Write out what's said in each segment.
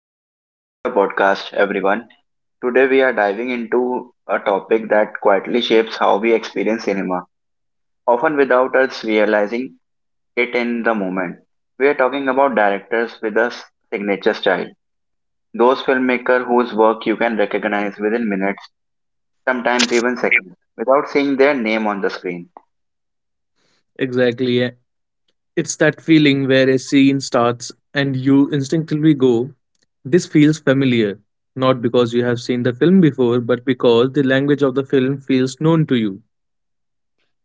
Welcome back to the podcast, everyone. Today we are diving into a topic that quietly shapes how we experience cinema, often without us realizing it in the moment. We are talking about directors with a signature style, those filmmakers whose work you can recognize within minutes, sometimes even seconds, without seeing their name on the screen. Exactly. Eh. It's that feeling where a scene starts and you instinctively go, this feels familiar. Not because you have seen the film before, but because the language of the film feels known to you.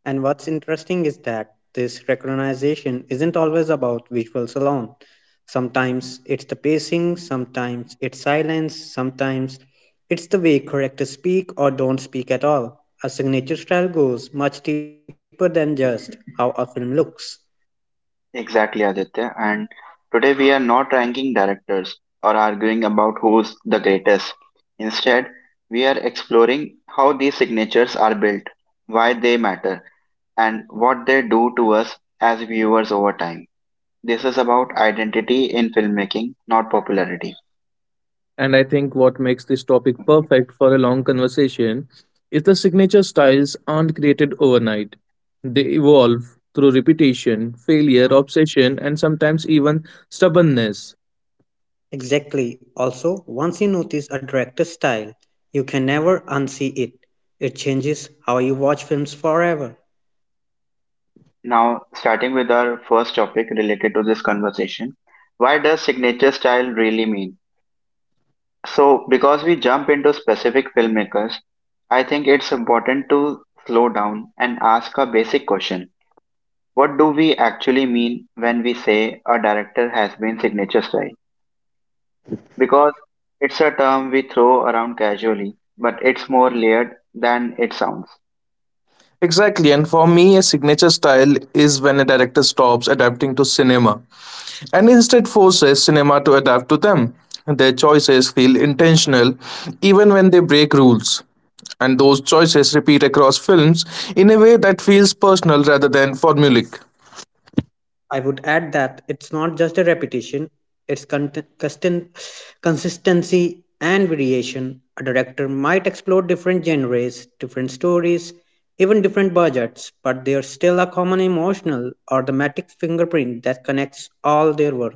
And what's interesting is that this recognition isn't always about visuals alone. Sometimes it's the pacing, sometimes it's silence, sometimes it's the way characters speak or don't speak at all. A signature style goes much deeper than just how a film looks. Exactly, Aditya. And today we are not ranking directors or arguing about who's the greatest. Instead, we are exploring how these signatures are built, why they matter, and what they do to us as viewers over time. This is about identity in filmmaking, not popularity. And I think what makes this topic perfect for a long conversation is the signature styles aren't created overnight. They evolve through repetition, failure, obsession, and sometimes even stubbornness. Exactly. Also, once you notice a director's style, you can never unsee it. It changes how you watch films forever. Now, starting with our first topic related to this conversation, why does signature style really mean? So, because we jump into specific filmmakers, I think it's important to slow down and ask a basic question. What do we actually mean when we say a director has been signature style? Because it's a term we throw around casually, but it's more layered than it sounds. Exactly, and for me, a signature style is when a director stops adapting to cinema and instead forces cinema to adapt to them. Their choices feel intentional even when they break rules, and those choices repeat across films in a way that feels personal rather than formulaic. I would add that it's not just a repetition, it's consistency and variation. A director might explore different genres, different stories, even different budgets, but there's still a common emotional or thematic fingerprint that connects all their work.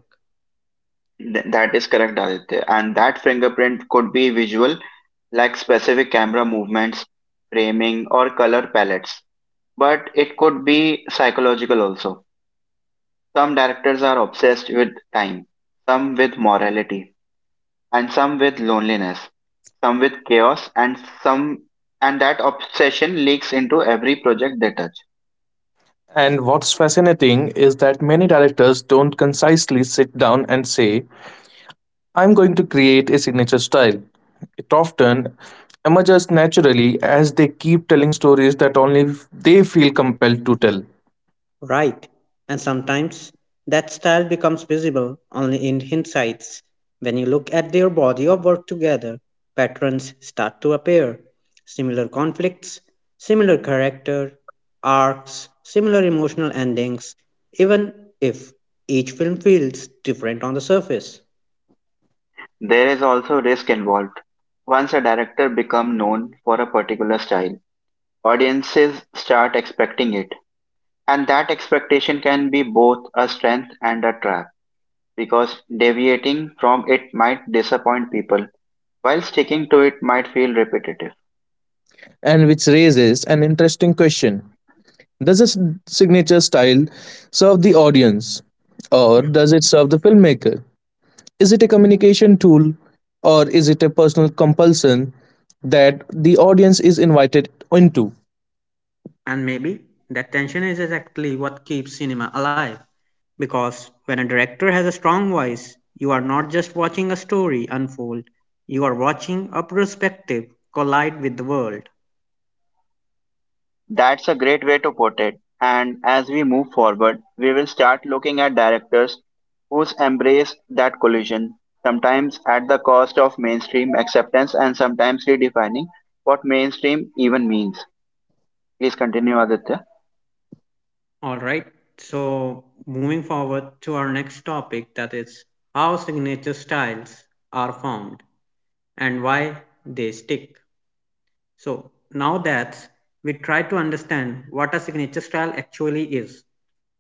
That is correct, Aditya. And that fingerprint could be visual, like specific camera movements, framing, or color palettes, but it could be psychological also. Some directors are obsessed with time, some with morality, and some with loneliness, some with chaos, and some and that obsession leaks into every project they touch. And what's fascinating is that many directors don't concisely sit down and say, I'm going to create a signature style. It often emerges naturally as they keep telling stories that only they feel compelled to tell. Right. And sometimes that style becomes visible only in hindsight. When you look at their body of work together, patterns start to appear. Similar conflicts, similar character, arcs, similar emotional endings, even if each film feels different on the surface. There is also risk involved. Once a director becomes known for a particular style, audiences start expecting it. And that expectation can be both a strength and a trap because deviating from it might disappoint people, while sticking to it might feel repetitive. And which raises an interesting question: does a signature style serve the audience or does it serve the filmmaker? Is it a communication tool or is it a personal compulsion that the audience is invited into? And maybe that tension is exactly what keeps cinema alive. Because when a director has a strong voice, you are not just watching a story unfold, you are watching a perspective collide with the world. That's a great way to put it. And as we move forward, we will start looking at directors whose embrace that collision, sometimes at the cost of mainstream acceptance and sometimes redefining what mainstream even means. Please continue, Aditya. Alright, so moving forward to our next topic, that is how signature styles are formed and why they stick. So now that we try to understand what a signature style actually is,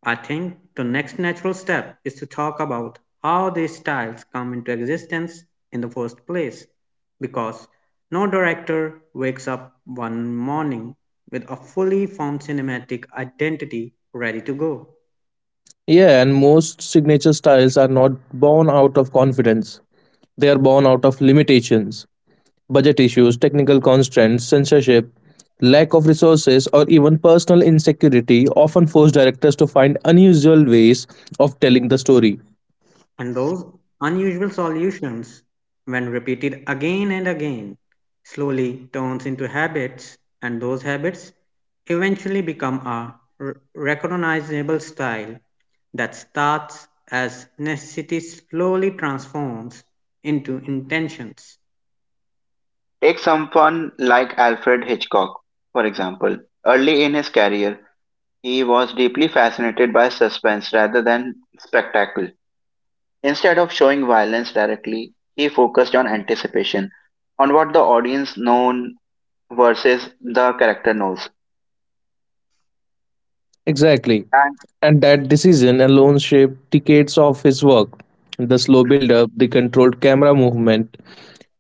I think the next natural step is to talk about how these styles come into existence in the first place, because no director wakes up one morning with a fully formed cinematic identity ready to go. Yeah, and most signature styles are not born out of confidence. They are born out of limitations, budget issues, technical constraints, censorship, lack of resources, or even personal insecurity often force directors to find unusual ways of telling the story. And those unusual solutions, when repeated again and again, slowly turns into habits, and those habits eventually become a recognizable style that starts as necessity slowly transforms into intentions. Take someone like Alfred Hitchcock, for example. Early in his career, he was deeply fascinated by suspense rather than spectacle. Instead of showing violence directly, he focused on anticipation, on what the audience known versus the character knows. Exactly. And And that decision alone shaped decades of his work. The slow build up, the controlled camera movement,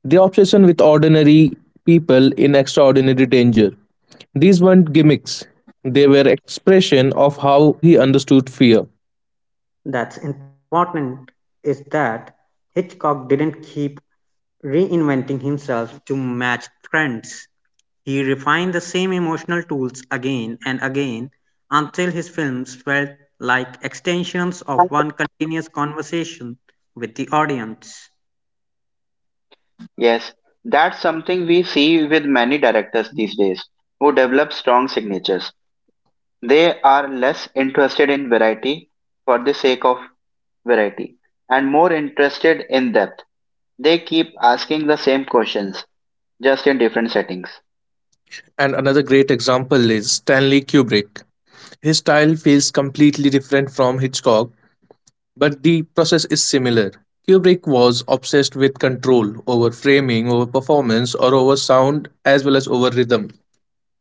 the obsession with ordinary people in extraordinary danger. These weren't gimmicks, they were expression of how he understood fear. That's important is that Hitchcock didn't keep reinventing himself to match trends. He refined the same emotional tools again and again until his films felt like extensions of one continuous conversation with the audience. yes, that's something we see with many directors these days who develop strong signatures. They are less interested in variety for the sake of variety and more interested in depth. They keep asking the same questions just in different settings. And another great example is Stanley Kubrick. His style feels completely different from Hitchcock, but the process is similar. Kubrick was obsessed with control over framing, over performance, or over sound, as well as over rhythm.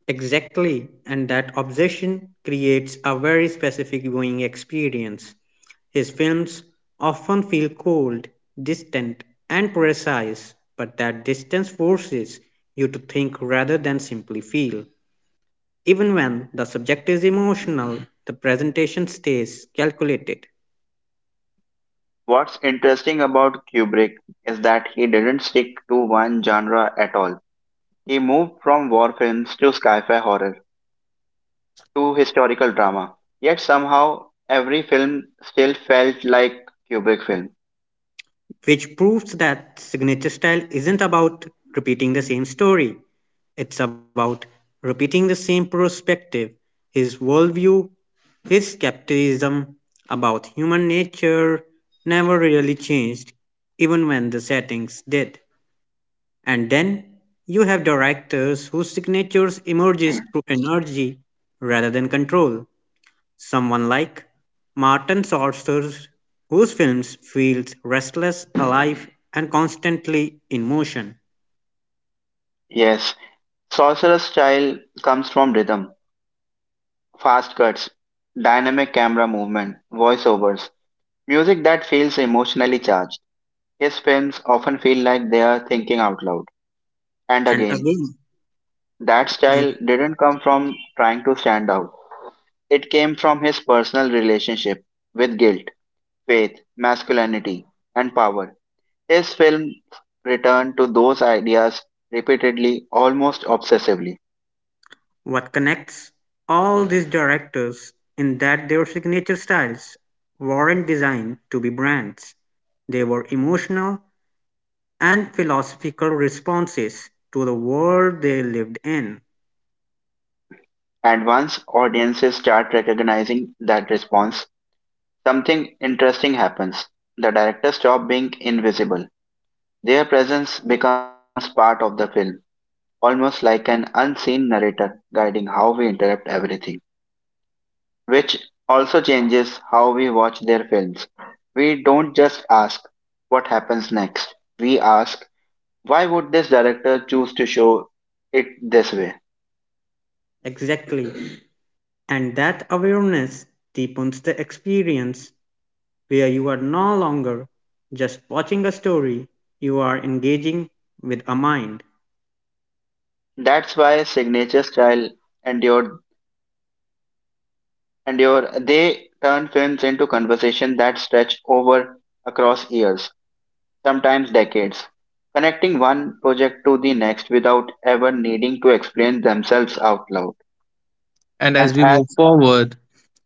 Exactly, and that obsession creates a very specific viewing experience. His films often feel cold, distant, and precise, but that distance forces you to think rather than simply feel. Even when the subject is emotional, the presentation stays calculated, What's interesting about Kubrick is that he didn't stick to one genre at all. He moved from war films to sci-fi horror to historical drama. Yet somehow every film still felt like Kubrick film. which proves that signature style isn't about repeating the same story. It's about repeating the same perspective, his worldview, his skepticism about human nature never really changed, even when the settings did. And then you have directors whose signatures emerges through energy rather than control. Someone like Martin Scorsese, whose films feels restless, alive, and constantly in motion. Yes, Sorcerer's style comes from rhythm, fast cuts, dynamic camera movement, voiceovers, music that feels emotionally charged. His films often feel like they are thinking out loud. And And again, again, that the- style didn't come from trying to stand out. It came from his personal relationship with guilt, faith, masculinity, and power. His films return to those ideas repeatedly, almost obsessively. what connects all these directors in that their signature styles weren't designed to be brands. They were emotional and philosophical responses to the world they lived in. And once audiences start recognizing that response, something interesting happens. The directors stop being invisible. Their presence becomes part of the film, almost like an unseen narrator guiding how we interpret everything, which also changes how we watch their films. We don't just ask what happens next. We ask why would this director choose to show it this way? Exactly. And that awareness deepens the experience where you are no longer just watching a story, you are engaging with a mind. That's why signature style endured endure they turn films into conversation that stretch over across years, sometimes decades, connecting one project to the next without ever needing to explain themselves out loud. And And as we as move forward,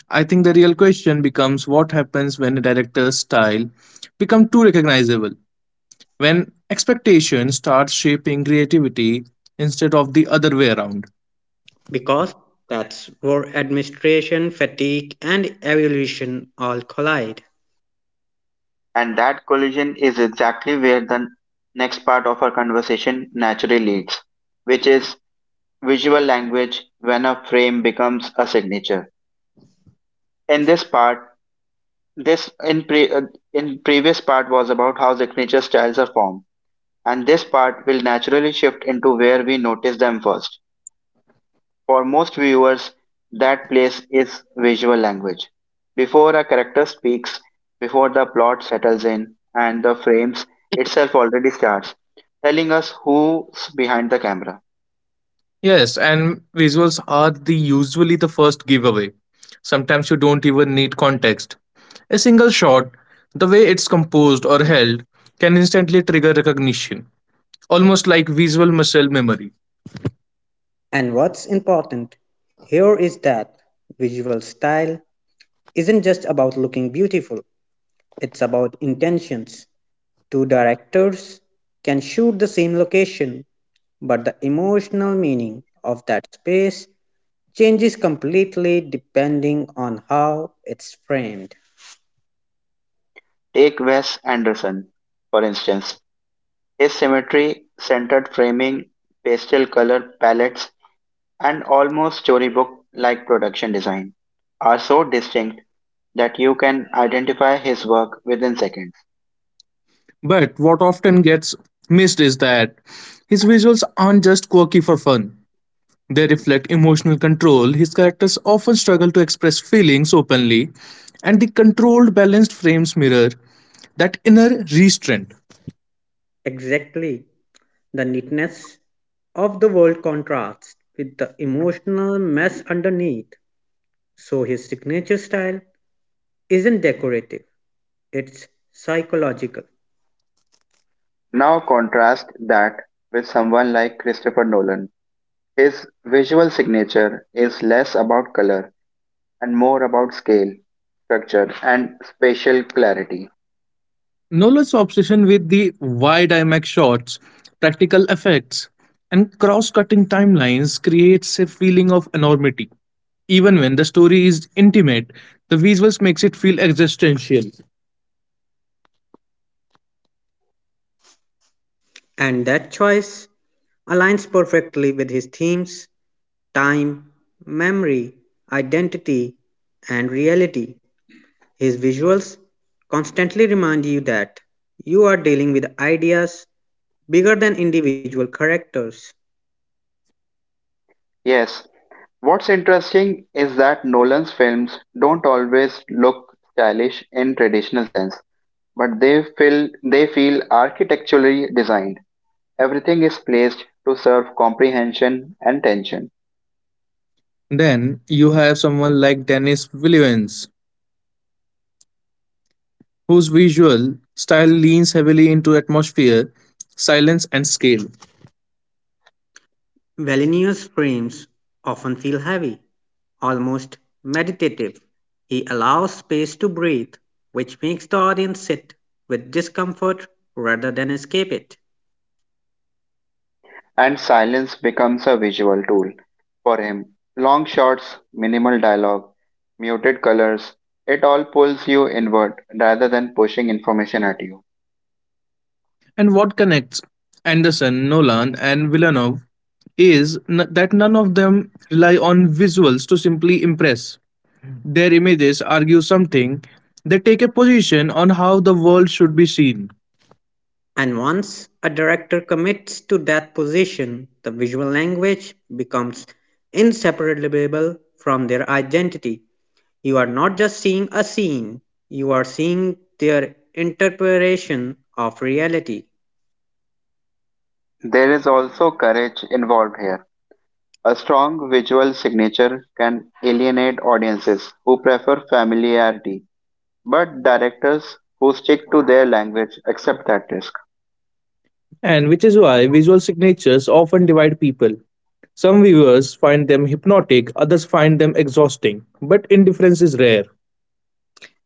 I think the real question becomes what happens when a director's style becomes too recognizable, when expectation starts shaping creativity instead of the other way around. Because that's where administration, fatigue, and evolution all collide. And that collision is exactly where the next part of our conversation naturally leads, which is visual language when a frame becomes a signature. In this part, this in pre, uh, in previous part was about how signature styles are formed, and this part will naturally shift into where we notice them first. For most viewers, that place is visual language. Before a character speaks, before the plot settles in, and the frames itself already starts, telling us who's behind the camera. Yes, and visuals are the usually the first giveaway. Sometimes you don't even need context. A single shot, the way it's composed or held, can instantly trigger recognition, almost like visual muscle memory. And what's important here is that visual style isn't just about looking beautiful, it's about intentions. Two directors can shoot the same location, but the emotional meaning of that space changes completely depending on how it's framed. Take Wes Anderson, for instance. His symmetry, centered framing, pastel color palettes, and almost storybook like production design are so distinct that you can identify his work within seconds. But what often gets missed is that his visuals aren't just quirky for fun. They reflect emotional control. His characters often struggle to express feelings openly, and the controlled, balanced frames mirror that inner restraint. Exactly. The neatness of the world contrasts with the emotional mess underneath. So his signature style isn't decorative, it's psychological. Now contrast that with someone like Christopher Nolan. His visual signature is less about color and more about scale, structure, and spatial clarity. Nolan's obsession with the wide IMAX shots, practical effects, and cross cutting timelines creates a feeling of enormity. Even when the story is intimate, the visuals makes it feel existential. And that choice aligns perfectly with his themes time, memory, identity, and reality. His visuals constantly remind you that you are dealing with ideas bigger than individual characters. Yes, what's interesting is that Nolan's films don't always look stylish in traditional sense, but they feel architecturally designed. Everything is placed to serve comprehension and tension. Then you have someone like Denis Villeneuve, whose visual style leans heavily into atmosphere, silence, and scale. Valenius' frames often feel heavy, almost meditative. He allows space to breathe, which makes the audience sit with discomfort rather than escape it. And silence becomes a visual tool for him. Long shots, minimal dialogue, muted colors, it all pulls you inward rather than pushing information at you. And what connects Anderson, Nolan, and Villeneuve is that none of them rely on visuals to simply impress. Their images argue something, they take a position on how the world should be seen. And once a director commits to that position, the visual language becomes inseparable from their identity. You are not just seeing a scene, you are seeing their interpretation of reality. There is also courage involved here. A strong visual signature can alienate audiences who prefer familiarity, but directors who stick to their language accept that risk. And which is why visual signatures often divide people. Some viewers find them hypnotic, others find them exhausting, but indifference is rare.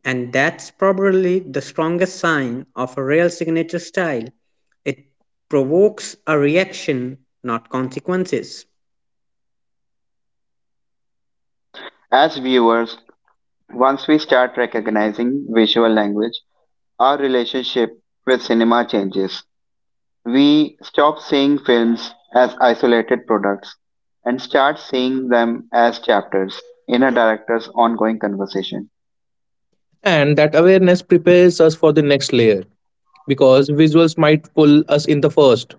And that's probably the strongest sign of a real signature style. It provokes a reaction, not consequences, As viewers, once we start recognizing visual language, our relationship with cinema changes. We stop seeing films as isolated products and start seeing them as chapters in a director's ongoing conversation. And that awareness prepares us for the next layer, because visuals might pull us in the first,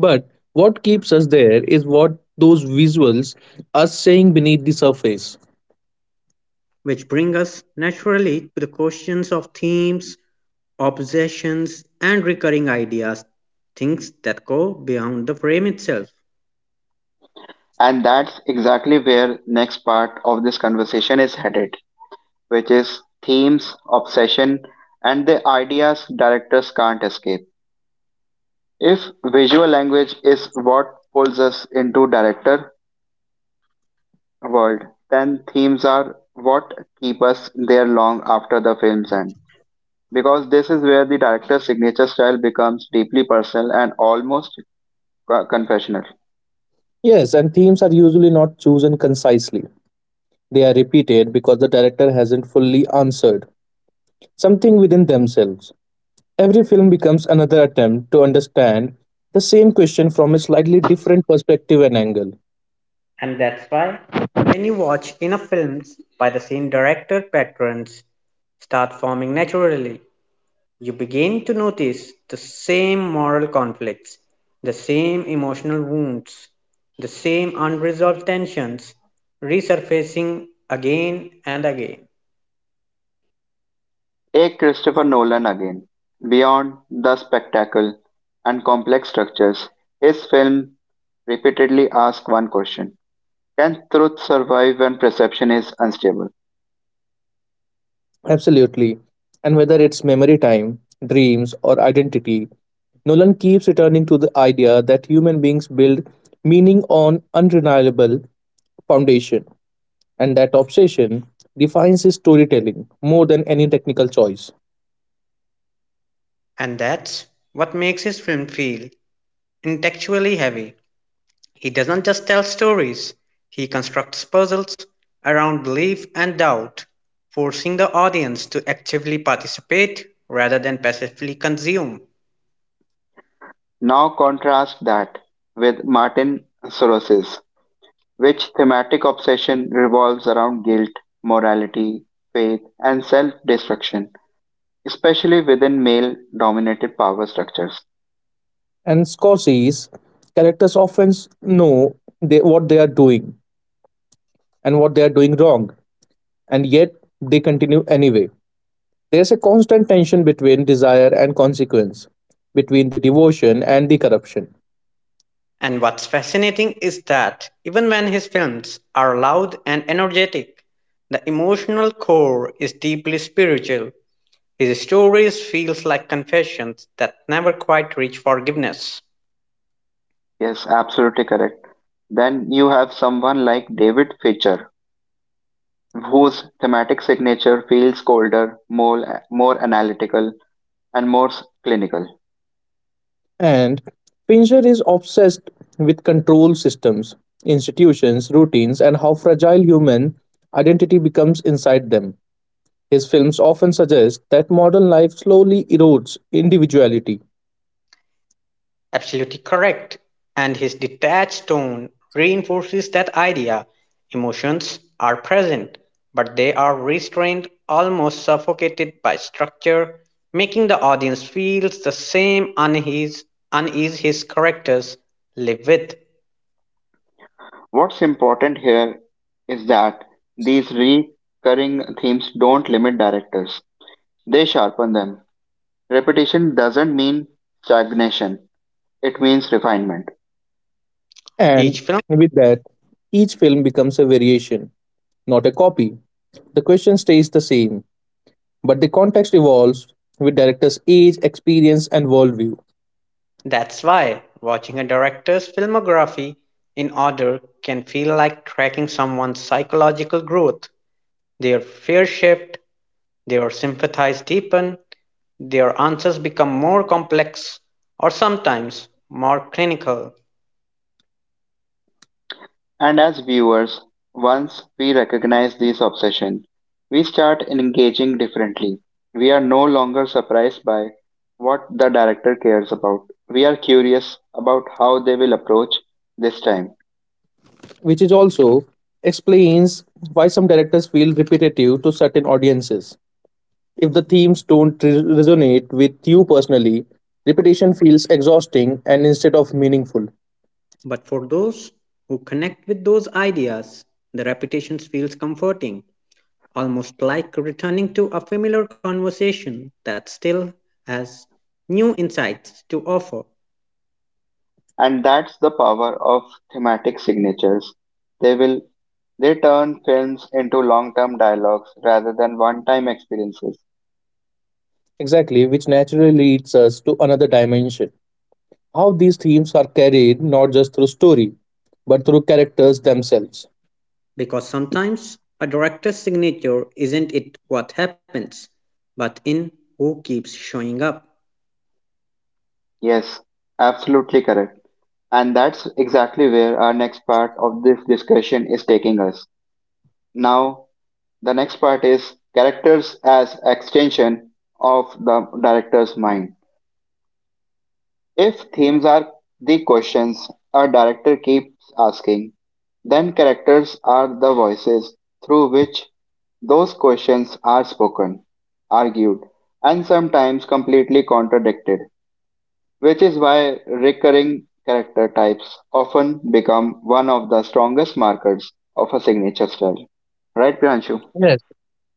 but what keeps us there is what those visuals are saying beneath the surface. which bring us naturally to the questions of themes, obsessions, and recurring ideas, things that go beyond the frame itself. And that's exactly where next part of this conversation is headed, which is themes, obsession, and the ideas directors can't escape. If visual language is what pulls us into director world, then themes are what keep us there long after the film's end, because this is where the director's signature style becomes deeply personal and almost confessional. Yes, and themes are usually not chosen concisely. They are repeated because the director hasn't fully answered something within themselves. Every film becomes another attempt to understand the same question from a slightly different perspective and angle. And that's why, when you watch enough films by the same director, patterns start forming naturally. You begin to notice the same moral conflicts, the same emotional wounds, the same unresolved tensions resurfacing again and again. Take Christopher Nolan again. Beyond the spectacle and complex structures, his film repeatedly asks one question. Can truth survive when perception is unstable? Absolutely. And whether it's memory time, dreams, or identity, Nolan keeps returning to the idea that human beings build meaning on unreliable foundation, and that obsession defines his storytelling more than any technical choice. And that's what makes his film feel intellectually heavy. He doesn't just tell stories, he constructs puzzles around belief and doubt, forcing the audience to actively participate rather than passively consume. Now contrast that with Martin Soros's, which thematic obsession revolves around guilt, morality, faith, and self destruction especially within male dominated power structures. And Scorsese's characters often know they, what they are doing and what they are doing wrong, and yet they continue anyway. There's a constant tension between desire and consequence, between the devotion and the corruption. And what's fascinating is that even when his films are loud and energetic, the emotional core is deeply spiritual. His stories feels like confessions that never quite reach forgiveness. Yes, absolutely correct. Then you have someone like David Fincher, whose thematic signature feels colder, more analytical, and more clinical. And Pincher is obsessed with control systems, institutions, routines, and how fragile human identity becomes inside them. His films often suggest that modern life slowly erodes individuality, Absolutely correct. And his detached tone reinforces that idea. Emotions are present, but they are restrained, almost suffocated by structure, making the audience feel the same unease, unease his characters live with What's important here is that these recurring themes don't limit directors, they sharpen them. Repetition doesn't mean stagnation, it means refinement. each and film. with that, each film becomes a variation, not a copy. The question stays the same, but the context evolves with director's age, experience, and worldview. That's why watching a director's filmography in order can feel like tracking someone's psychological growth, their fear shift, their sympathies deepen, their answers become more complex or sometimes more clinical. And as viewers, once we recognize this obsession, we start engaging differently. We are no longer surprised by what the director cares about. We are curious about how they will approach this time. Which is also explains why some directors feel repetitive to certain audiences. If the themes don't resonate with you personally, repetition feels exhausting and instead of meaningful. But for those who connect with those ideas, the repetition feels comforting, almost like returning to a familiar conversation that still has new insights to offer. And that's the power of thematic signatures. They will they turn films into long term dialogues rather than one time experiences. Exactly, which naturally leads us to another dimension. How these themes are carried not just through story, but through characters themselves. Because sometimes a director's signature isn't it what happens, but in who keeps showing up. Yes, absolutely correct. And that's exactly where our next part of this discussion is taking us. Now, the next part is characters as extension of the director's mind. If themes are the questions a director keeps asking, then characters are the voices through which those questions are spoken, argued, and sometimes completely contradicted, which is why recurring character types often become one of the strongest markers of a signature style. Right, Priyanshu? Yes,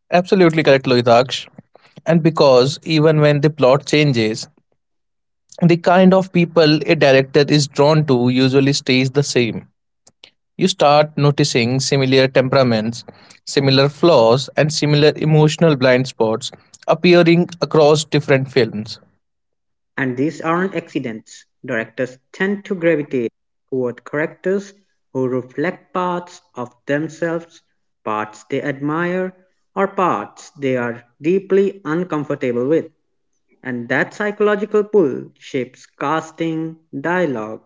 absolutely correct, Lohitaksh. And because even when the plot changes, the kind of people a director is drawn to usually stays the same. You start noticing similar temperaments, similar flaws, and similar emotional blind spots appearing across different films. And these aren't accidents. Directors tend to gravitate toward characters who reflect parts of themselves, parts they admire, or parts they are deeply uncomfortable with. And that psychological pull shapes casting, dialogue,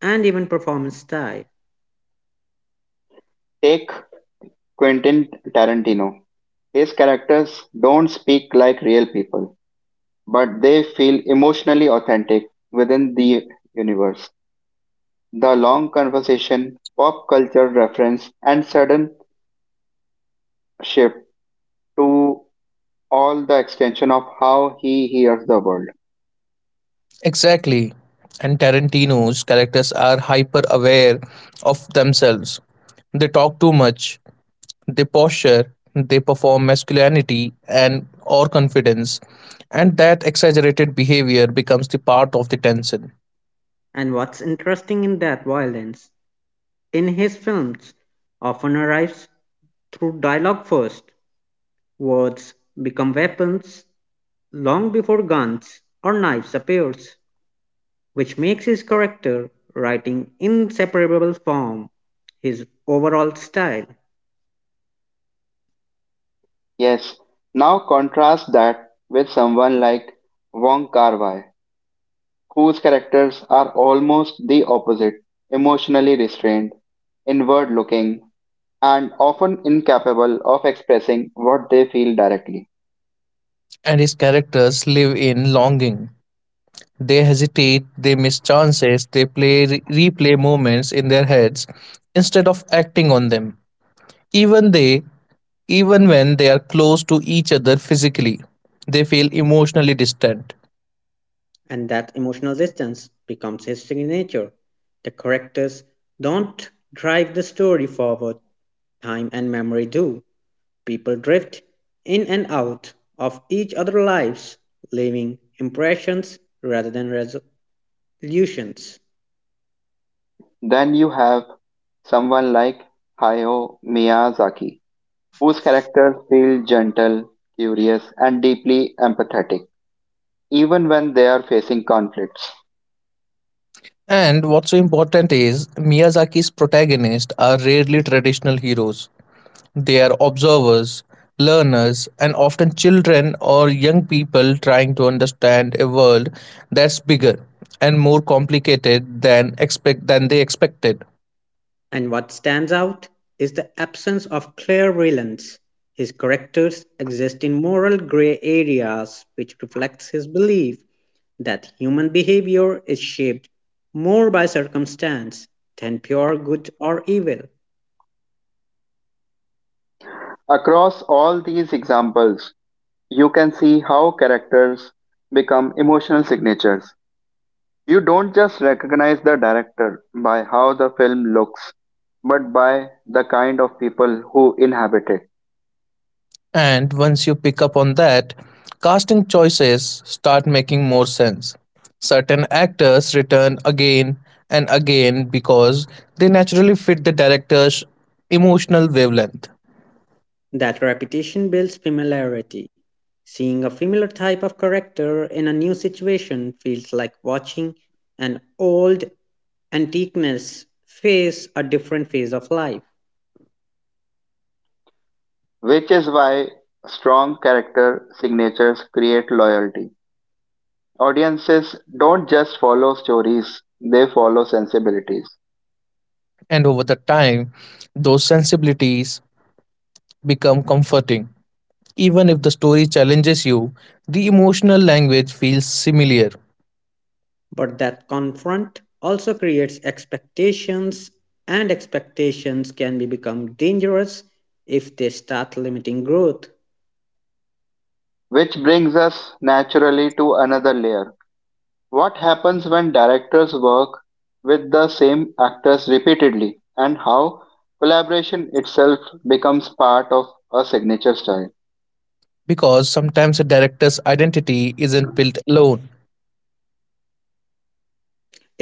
and even performance style. Take Quentin Tarantino. His characters don't speak like real people, but they feel emotionally authentic within the universe. The long conversation, pop culture reference, and sudden shift to all the extension of how he hears the world. Exactly. And Tarantino's characters are hyper aware of themselves. They talk too much, they posture, they perform masculinity and or confidence, and that exaggerated behavior becomes the part of the tension. And what's interesting in that violence in his films often arrives through dialogue first. Words become weapons, long before guns or knives appears, which makes his character writing inseparable from his overall style, Yes, now contrast that with someone like Wong Kar-wai, whose characters are almost the opposite, emotionally restrained, inward looking, and often incapable of expressing what they feel directly. And his characters live in longing. They hesitate, they miss chances, they play replay moments in their heads instead of acting on them. Even they, even when they are close to each other physically, they feel emotionally distant. and that emotional distance becomes his signature. The characters don't drive the story forward, time and memory do. People drift in and out of each other's lives, leaving impressions rather than resolutions. Then you have someone like Hayao Miyazaki, whose characters feel gentle, curious, and deeply empathetic, even when they are facing conflicts. And what's so important is Miyazaki's protagonists are rarely traditional heroes. They are observers, learners, and often children or young people trying to understand a world that's bigger and more complicated than expect than they expected. And what stands out is the absence of clear villains. His characters exist in moral gray areas, which reflects his belief that human behavior is shaped more by circumstance than pure good or evil. Across all these examples, you can see how characters become emotional signatures. You don't just recognize the director by how the film looks, but by the kind of people who inhabit it, And once you pick up on that, casting choices start making more sense. Certain actors return again and again because they naturally fit the director's emotional wavelength. That repetition builds familiarity. Seeing a familiar type of character in a new situation feels like watching an old antiqueness face a different phase of life. which is why strong character signatures create loyalty. Audiences don't just follow stories, they follow sensibilities. And over the time, those sensibilities become comforting. Even if the story challenges you, the emotional language feels familiar But that confront also creates expectations, and expectations can be become dangerous if they start limiting growth. Which brings us naturally to another layer. What happens when directors work with the same actors repeatedly, and how collaboration itself becomes part of a signature style? because sometimes a director's identity isn't built alone.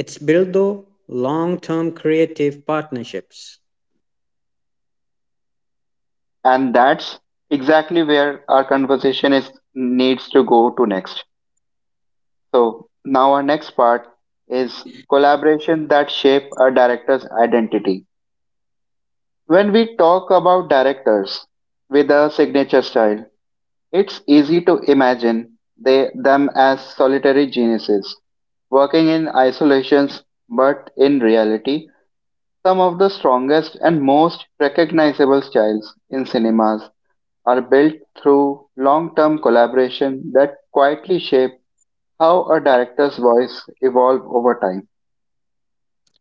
It's built though long-term creative partnerships. And that's exactly where our conversation is needs to go to next. So, now our next part is collaboration that shape a director's identity. When we talk about directors with a signature style, it's easy to imagine them as solitary geniuses working in isolations, but in reality, some of the strongest and most recognizable styles in cinemas are built through long term collaboration that quietly shape how a director's voice evolves over time.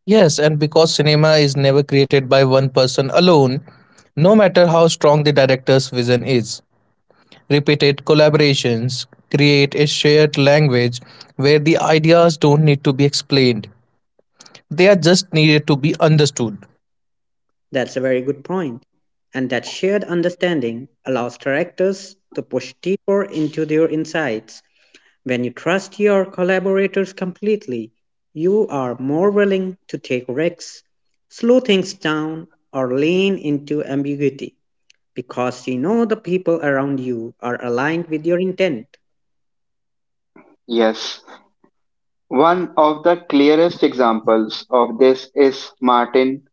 Yes, and because cinema is never created by one person alone, no matter how strong the director's vision is, repeated collaborations create a shared language where the ideas don't need to be explained. They are just needed to be understood. That's a very good point. And that shared understanding allows directors to push deeper into their insights. When you trust your collaborators completely, you are more willing to take risks, slow things down, or lean into ambiguity, because you know the people around you are aligned with your intent. Yes, one of the clearest examples of this is Martin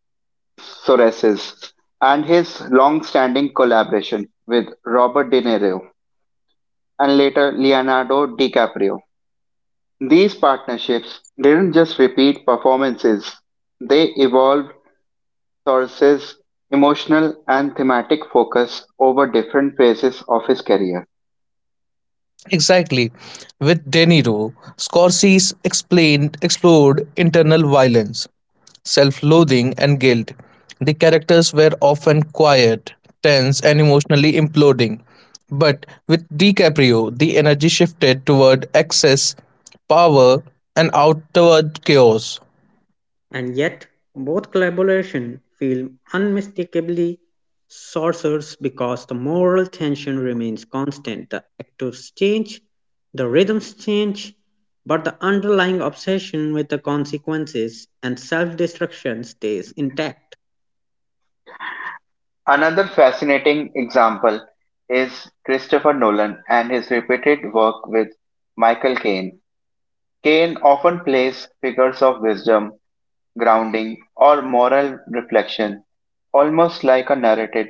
Scorsese and his long-standing collaboration with Robert De Niro and later Leonardo DiCaprio. These partnerships didn't just repeat performances, they evolved Scorsese's emotional and thematic focus over different phases of his career. Exactly. With De Niro, Scorsese explained explored internal violence self loathing, and guilt. The characters were often quiet, tense, and emotionally imploding. But with DiCaprio, the energy shifted toward excess, power, and outward chaos. And yet, both collaboration feel unmistakably sorcerers because the moral tension remains constant. The actors change, the rhythms change, but the underlying obsession with the consequences and self destruction stays intact. Another fascinating example is Christopher Nolan and his repeated work with Michael Caine. Caine often plays figures of wisdom, grounding, or moral reflection, almost like a narrative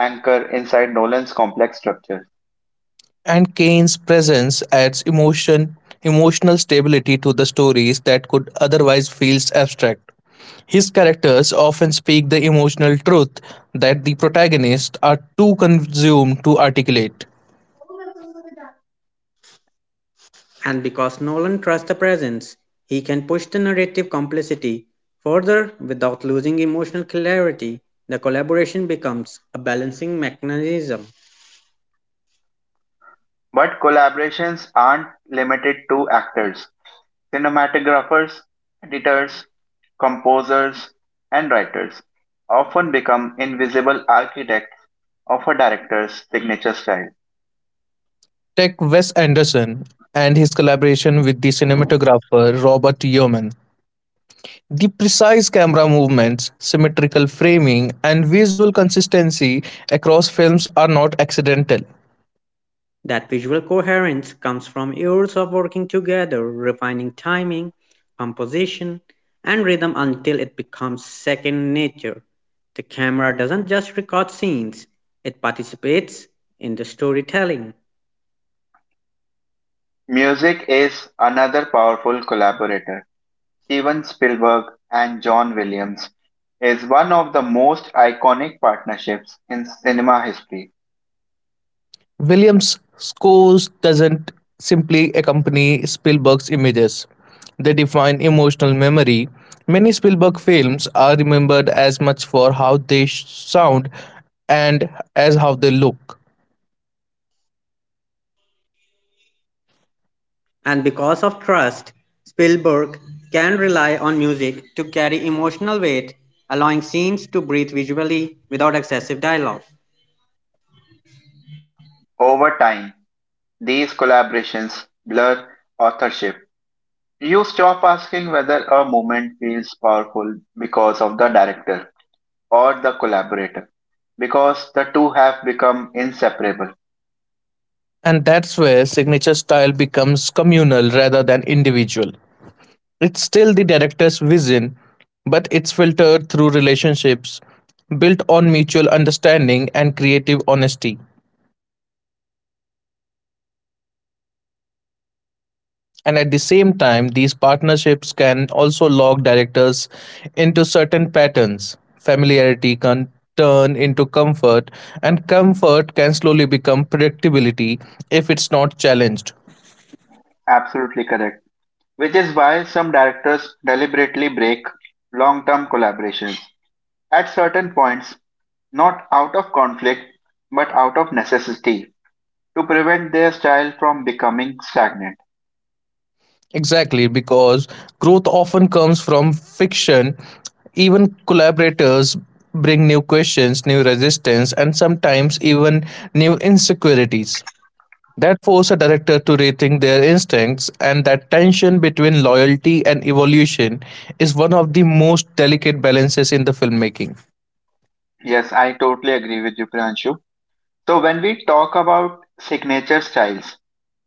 anchor inside Nolan's complex structure. And Kane's presence adds emotional stability to the stories that could otherwise feel abstract. His characters often speak the emotional truth that the protagonists are too consumed to articulate. And because Nolan trusts the presence, he can push the narrative complexity further without losing emotional clarity. The collaboration becomes a balancing mechanism. But collaborations aren't limited to actors. Cinematographers, editors, composers, and writers often become invisible architects of a director's signature style. Tech Wes Anderson and his collaboration with the cinematographer Robert Yeoman. The precise camera movements, symmetrical framing, and visual consistency across films are not accidental. That visual coherence comes from years of working together, refining timing, composition, and rhythm until it becomes second nature. The camera doesn't just record scenes, it participates in the storytelling. Music is another powerful collaborator. Steven Spielberg and John Williams is one of the most iconic partnerships in cinema history. Williams' scores doesn't simply accompany Spielberg's images. They define emotional memory. Many Spielberg films are remembered as much for how they sound and as how they look. And because of trust, Spielberg can rely on music to carry emotional weight, allowing scenes to breathe visually without excessive dialogue. Over time, these collaborations blur authorship. You stop asking whether a moment feels powerful because of the director or the collaborator because the two have become inseparable. And that's where signature style becomes communal rather than individual. It's still the director's vision, but it's filtered through relationships built on mutual understanding and creative honesty. And at the same time, these partnerships can also log directors into certain patterns. Familiarity can turn into comfort, and comfort can slowly become predictability if it's not challenged. Absolutely correct. Which is why some directors deliberately break long term collaborations at certain points, not out of conflict but out of necessity to prevent their style from becoming stagnant. Exactly, because growth often comes from fiction. Even collaborators bring new questions, new resistance, and sometimes even new insecurities that force a director to rethink their instincts and that tension between loyalty and evolution is one of the most delicate balances in the filmmaking. Yes, I totally agree with you, Pranshu. So, when we talk about signature styles,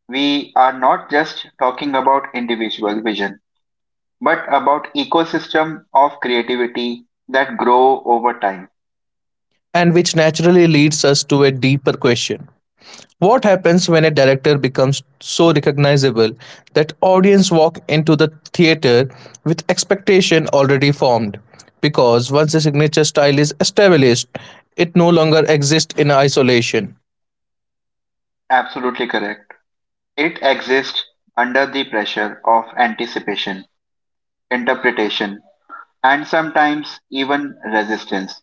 we are not just talking about individual vision but about ecosystem of creativity that grow over time. And which naturally leads us to a deeper question: what happens when a director becomes so recognizable that audience walk into the theater with expectation already formed? Because once a signature style is established, it no longer exists in isolation. Absolutely correct. It exists under the pressure of anticipation, interpretation, and sometimes even resistance.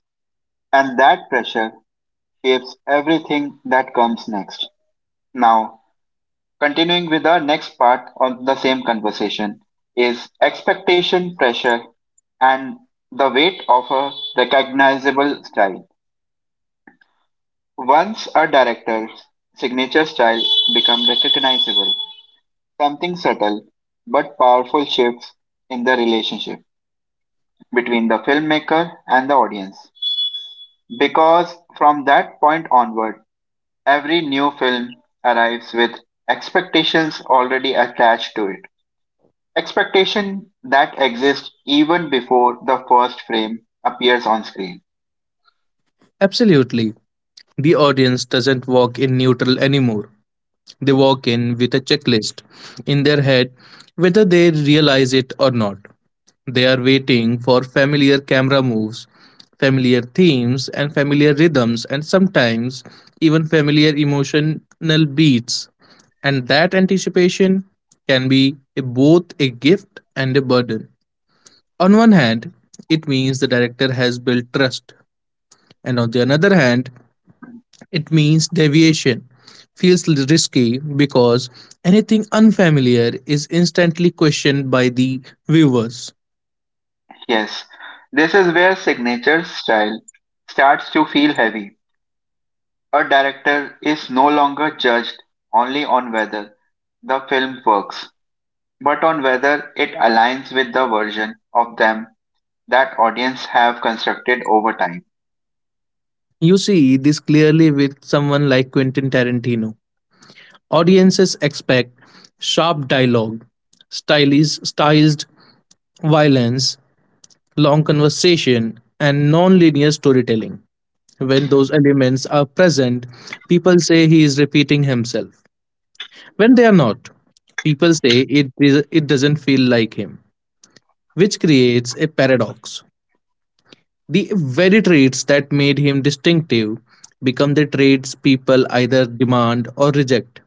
And that pressure shapes everything that comes next. Now, continuing with our next part on the same conversation is expectation pressure and the weight of a recognizable style. Once a director's signature style becomes recognizable, something subtle but powerful shifts in the relationship between the filmmaker and the audience. Because from that point onward, every new film arrives with expectations already attached to it. Expectation that exists even before the first frame appears on screen. Absolutely. The audience doesn't walk in neutral anymore. They walk in with a checklist in their head, whether they realize it or not. They are waiting for familiar camera moves, familiar themes, and familiar rhythms, and sometimes even familiar emotional beats. And that anticipation can be both a gift and a burden. On one hand, it means the director has built trust, and on the other hand, it means deviation feels risky because anything unfamiliar is instantly questioned by the viewers. Yes, this is where signature style starts to feel heavy. A director is no longer judged only on whether the film works, but on whether it aligns with the version of them that audience have constructed over time. You see this clearly with someone like Quentin Tarantino. Audiences expect sharp dialogue, stylish, stylized violence, long conversation, and non-linear storytelling. When those elements are present, people say he is repeating himself. When they are not, people say it is, it doesn't feel like him, which creates a paradox. The very traits that made him distinctive become the traits people either demand or reject,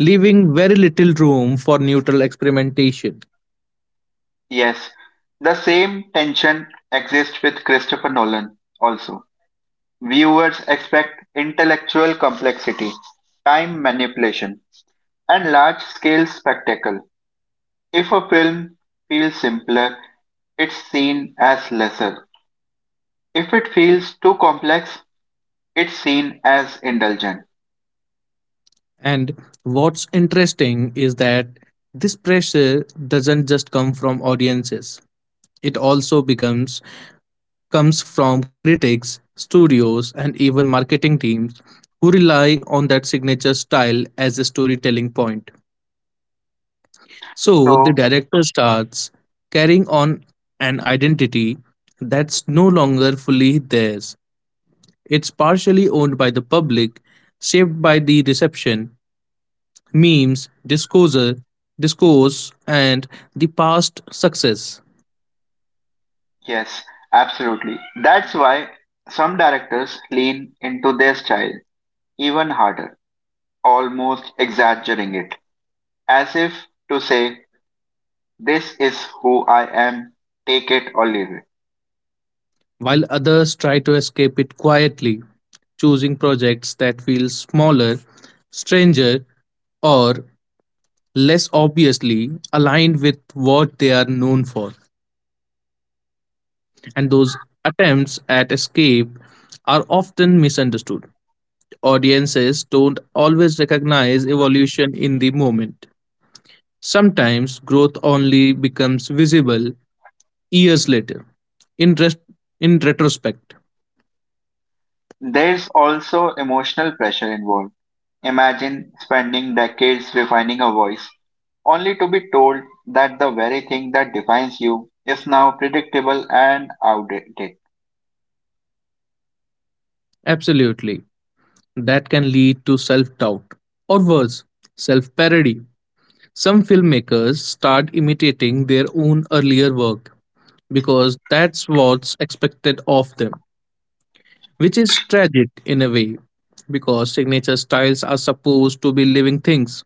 leaving very little room for neutral experimentation. Yes, the same tension exists with Christopher Nolan also. Viewers expect intellectual complexity, time manipulation, and large scale spectacle. If a film feels simpler, it's seen as lesser. If it feels too complex, it's seen as indulgent. And what's interesting is that this pressure doesn't just come from audiences. It also becomes comes from critics, studios, and even marketing teams who rely on that signature style as a storytelling point. So the So, director starts carrying on an identity that's no longer fully theirs. It's partially owned by the public, shaped by the reception, memes, discourse and the past success, yes, absolutely. That's why some directors lean into their style even harder, almost exaggerating it, as if to say, this is who I am, take it or leave it. while others try to escape it quietly, choosing projects that feel smaller, stranger, or less obviously aligned with what they are known for. And those attempts at escape are often misunderstood. Audiences don't always recognize evolution in the moment. Sometimes growth only becomes visible years later. In, res- in retrospect, There's also emotional pressure involved. Imagine spending decades refining a voice only to be told that the very thing that defines you is now predictable and outdated. absolutely. That can lead to self doubt, or worse, self parody. Some filmmakers start imitating their own earlier work because that's what's expected of them, which is tragic in a way because signature styles are supposed to be living things,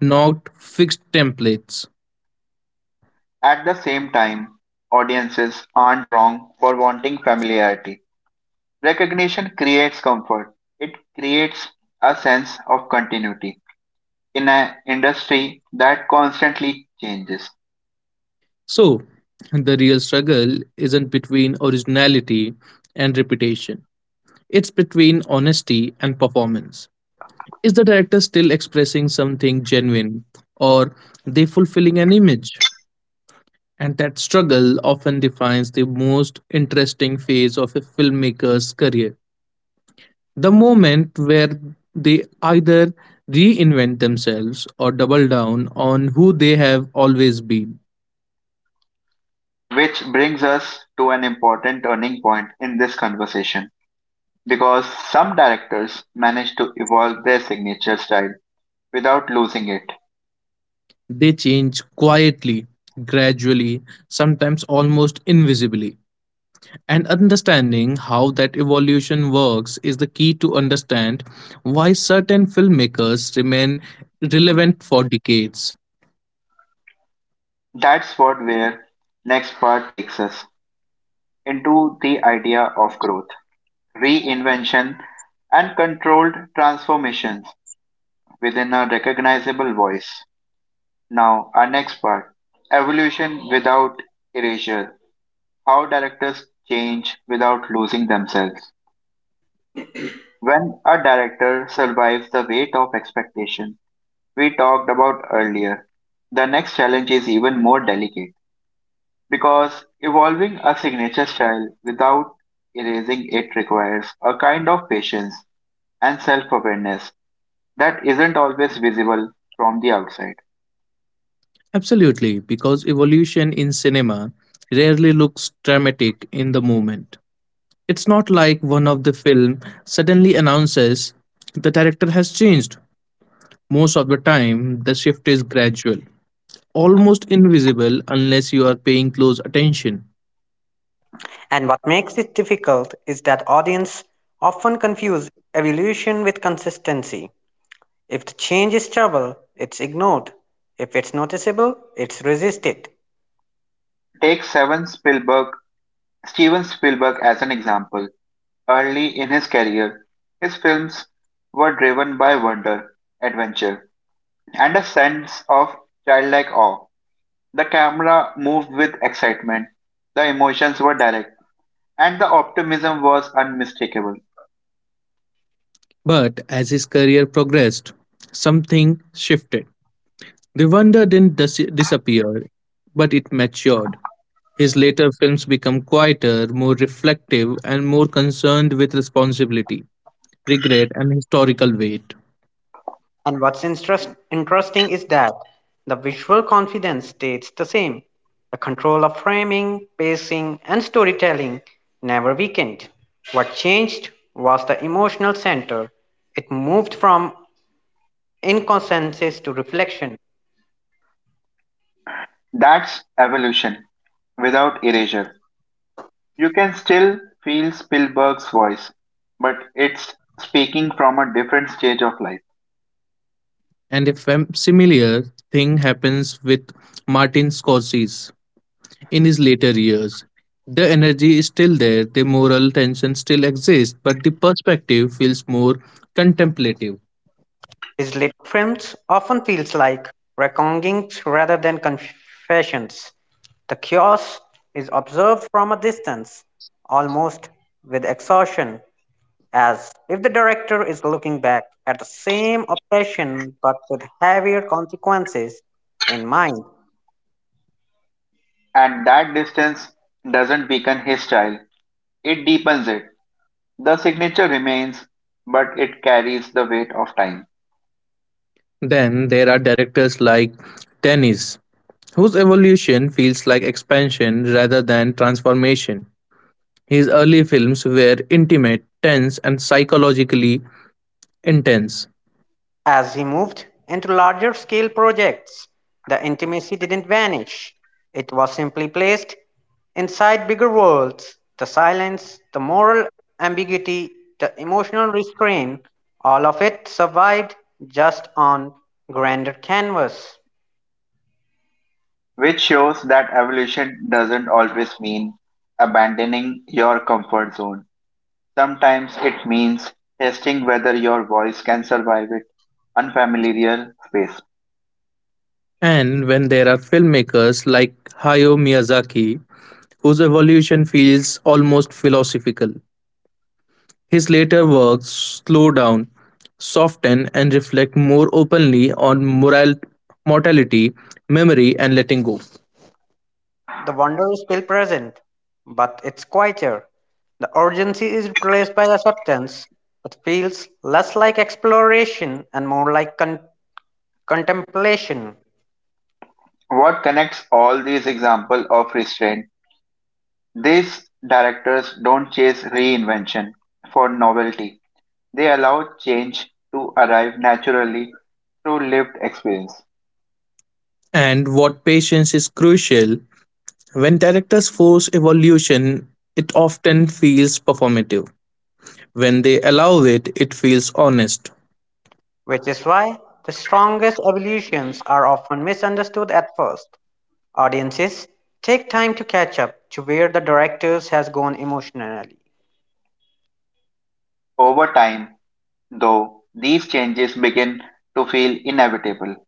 not fixed templates. At the same time, audiences aren't wrong for wanting familiarity. Recognition creates comfort. It creates a sense of continuity in an industry that constantly changes. So, the real struggle isn't between originality and reputation, it's between honesty and performance. Is the director still expressing something genuine, or they fulfilling an image? And that struggle often defines the most interesting phase of a filmmaker's career. The moment where they either reinvent themselves or double down on who they have always been. Which brings us to an important turning point in this conversation because some directors manage to evolve their signature style without losing it. They change quietly, gradually, sometimes almost invisibly. And understanding how that evolution works is the key to understand why certain filmmakers remain relevant for decades. That's what where next part takes us into the idea of growth reinvention, and controlled transformations within a recognizable voice. Now, our next part evolution without erasure. How directors change without losing themselves. When a director survives the weight of expectation we talked about earlier, the next challenge is even more delicate because evolving a signature style without erasing it requires a kind of patience and self awareness that isn't always visible from the outside. Absolutely, because evolution in cinema rarely looks dramatic in the moment. It's not like one of the film suddenly announces the director has changed. Most of the time, the shift is gradual, almost invisible unless you are paying close attention. And what makes it difficult is that audience often confuse evolution with consistency. If the change is trouble, it's ignored. If it's noticeable, it's resisted. Take Steven Spielberg as an example. Early in his career, his films were driven by wonder, adventure, and a sense of childlike awe. The camera moved with excitement, the emotions were direct, and the optimism was unmistakable. But as his career progressed, something shifted. The wonder didn't disappear, but it matured. His later films become quieter, more reflective, and more concerned with responsibility, regret, and historical weight. And what's interesting is that the visual confidence stays the same. The control of framing, pacing, and storytelling never weakened. What changed was the emotional center. It moved from inconsensus to reflection. That's evolution without erasure. You can still feel Spielberg's voice, but it's speaking from a different stage of life. And a similar thing happens with Martin Scorsese in his later years. The energy is still there, the moral tension still exists, but the perspective feels more contemplative. His later films often feels like reckonings rather than confessions. The chaos is observed from a distance, almost with exhaustion, as if the director is looking back at the same operation but with heavier consequences in mind. And that distance doesn't weaken his style, it deepens it. The signature remains, but it carries the weight of time, Then there are directors like Denis, whose evolution feels like expansion rather than transformation. His early films were intimate, tense, and psychologically intense. As he moved into larger scale projects, the intimacy didn't vanish, it was simply placed inside bigger worlds. The silence, the moral ambiguity, the emotional restraint, all of it survived just on grander canvas. which shows that evolution doesn't always mean abandoning your comfort zone. Sometimes it means testing whether your voice can survive it unfamiliar space. And when there are filmmakers like Hayao Miyazaki, whose evolution feels almost philosophical. His later works slow down, soften, and reflect more openly on moral, mortality, memory, and letting go. The wonder is still present, but it's quieter. The urgency is replaced by acceptance. It feels less like exploration and more like contemplation, What connects all these examples of restraint? These directors don't chase reinvention for novelty. They allow change to arrive naturally through lived experience. And what patience is crucial, when directors force evolution, it often feels performative. When they allow it, it feels honest. which is why the strongest evolutions are often misunderstood at first. Audiences take time to catch up to where the directors has gone emotionally. Over time, though, these changes begin to feel inevitable.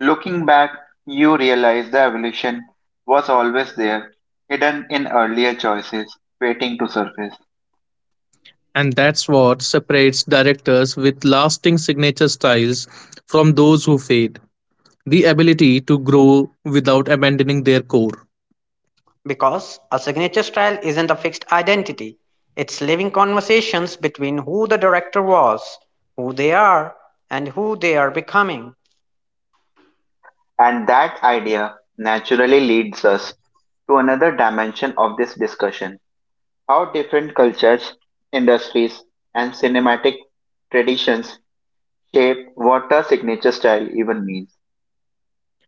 Looking back, you realize the evolution was always there, hidden in earlier choices, waiting to surface. And that's what separates directors with lasting signature styles from those who fade, the ability to grow without abandoning their core. Because a signature style isn't a fixed identity, it's living conversations between who the director was, who they are, and who they are becoming. And that idea naturally leads us to another dimension of this discussion: how different cultures, industries, and cinematic traditions shape what a signature style even means.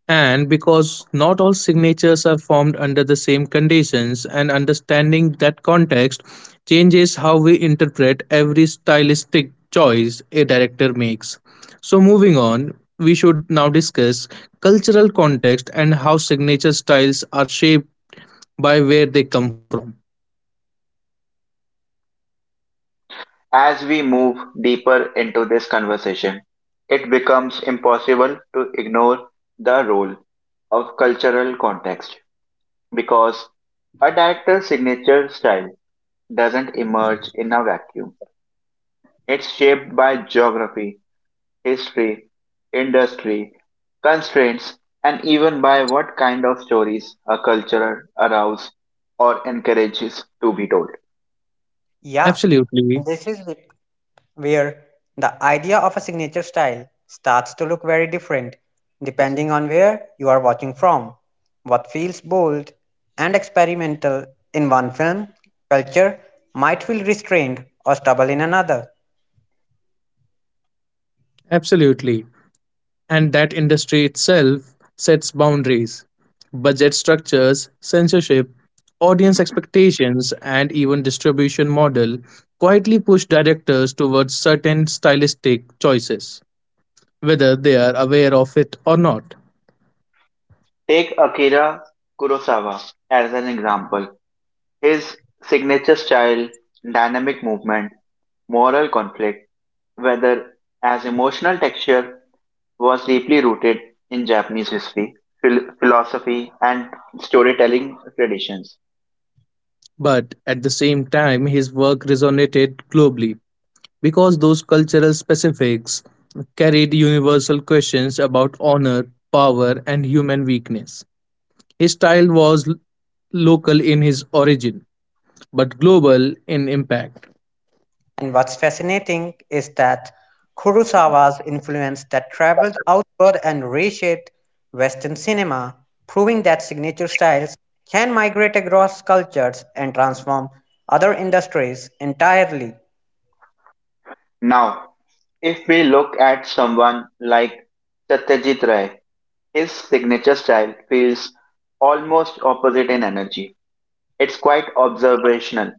And because not all signatures are formed under the same conditions, and understanding that context changes how we interpret every stylistic choice a director makes. So, moving on, we should now discuss cultural context and how signature styles are shaped by where they come from. As we move deeper into this conversation, it becomes impossible to ignore the role of cultural context because a director's signature style doesn't emerge in a vacuum. It's shaped by geography, history, industry, constraints, and even by what kind of stories a culture arouses or encourages to be told. Yeah, Absolutely, this is it, where the idea of a signature style starts to look very different depending on where you are watching from. What feels bold and experimental in one film culture might feel restrained or stubborn in another. absolutely. And that industry itself sets boundaries, budget structures, censorship, audience expectations, and even distribution model quietly push directors towards certain stylistic choices, whether they are aware of it or not. Take Akira Kurosawa as an example. His signature style, dynamic movement, moral conflict, whether as emotional texture, was deeply rooted in Japanese history, philosophy, and storytelling traditions. But at the same time, his work resonated globally because those cultural specifics carried universal questions about honor, power, and human weakness. His style was local in his origin, but global in impact. And what's fascinating is that Kurosawa's influence that traveled outward and reshaped Western cinema, proving that signature styles can migrate across cultures and transform other industries entirely. Now, if we look at someone like Satyajit Ray, his signature style feels almost opposite in energy. It's quite observational,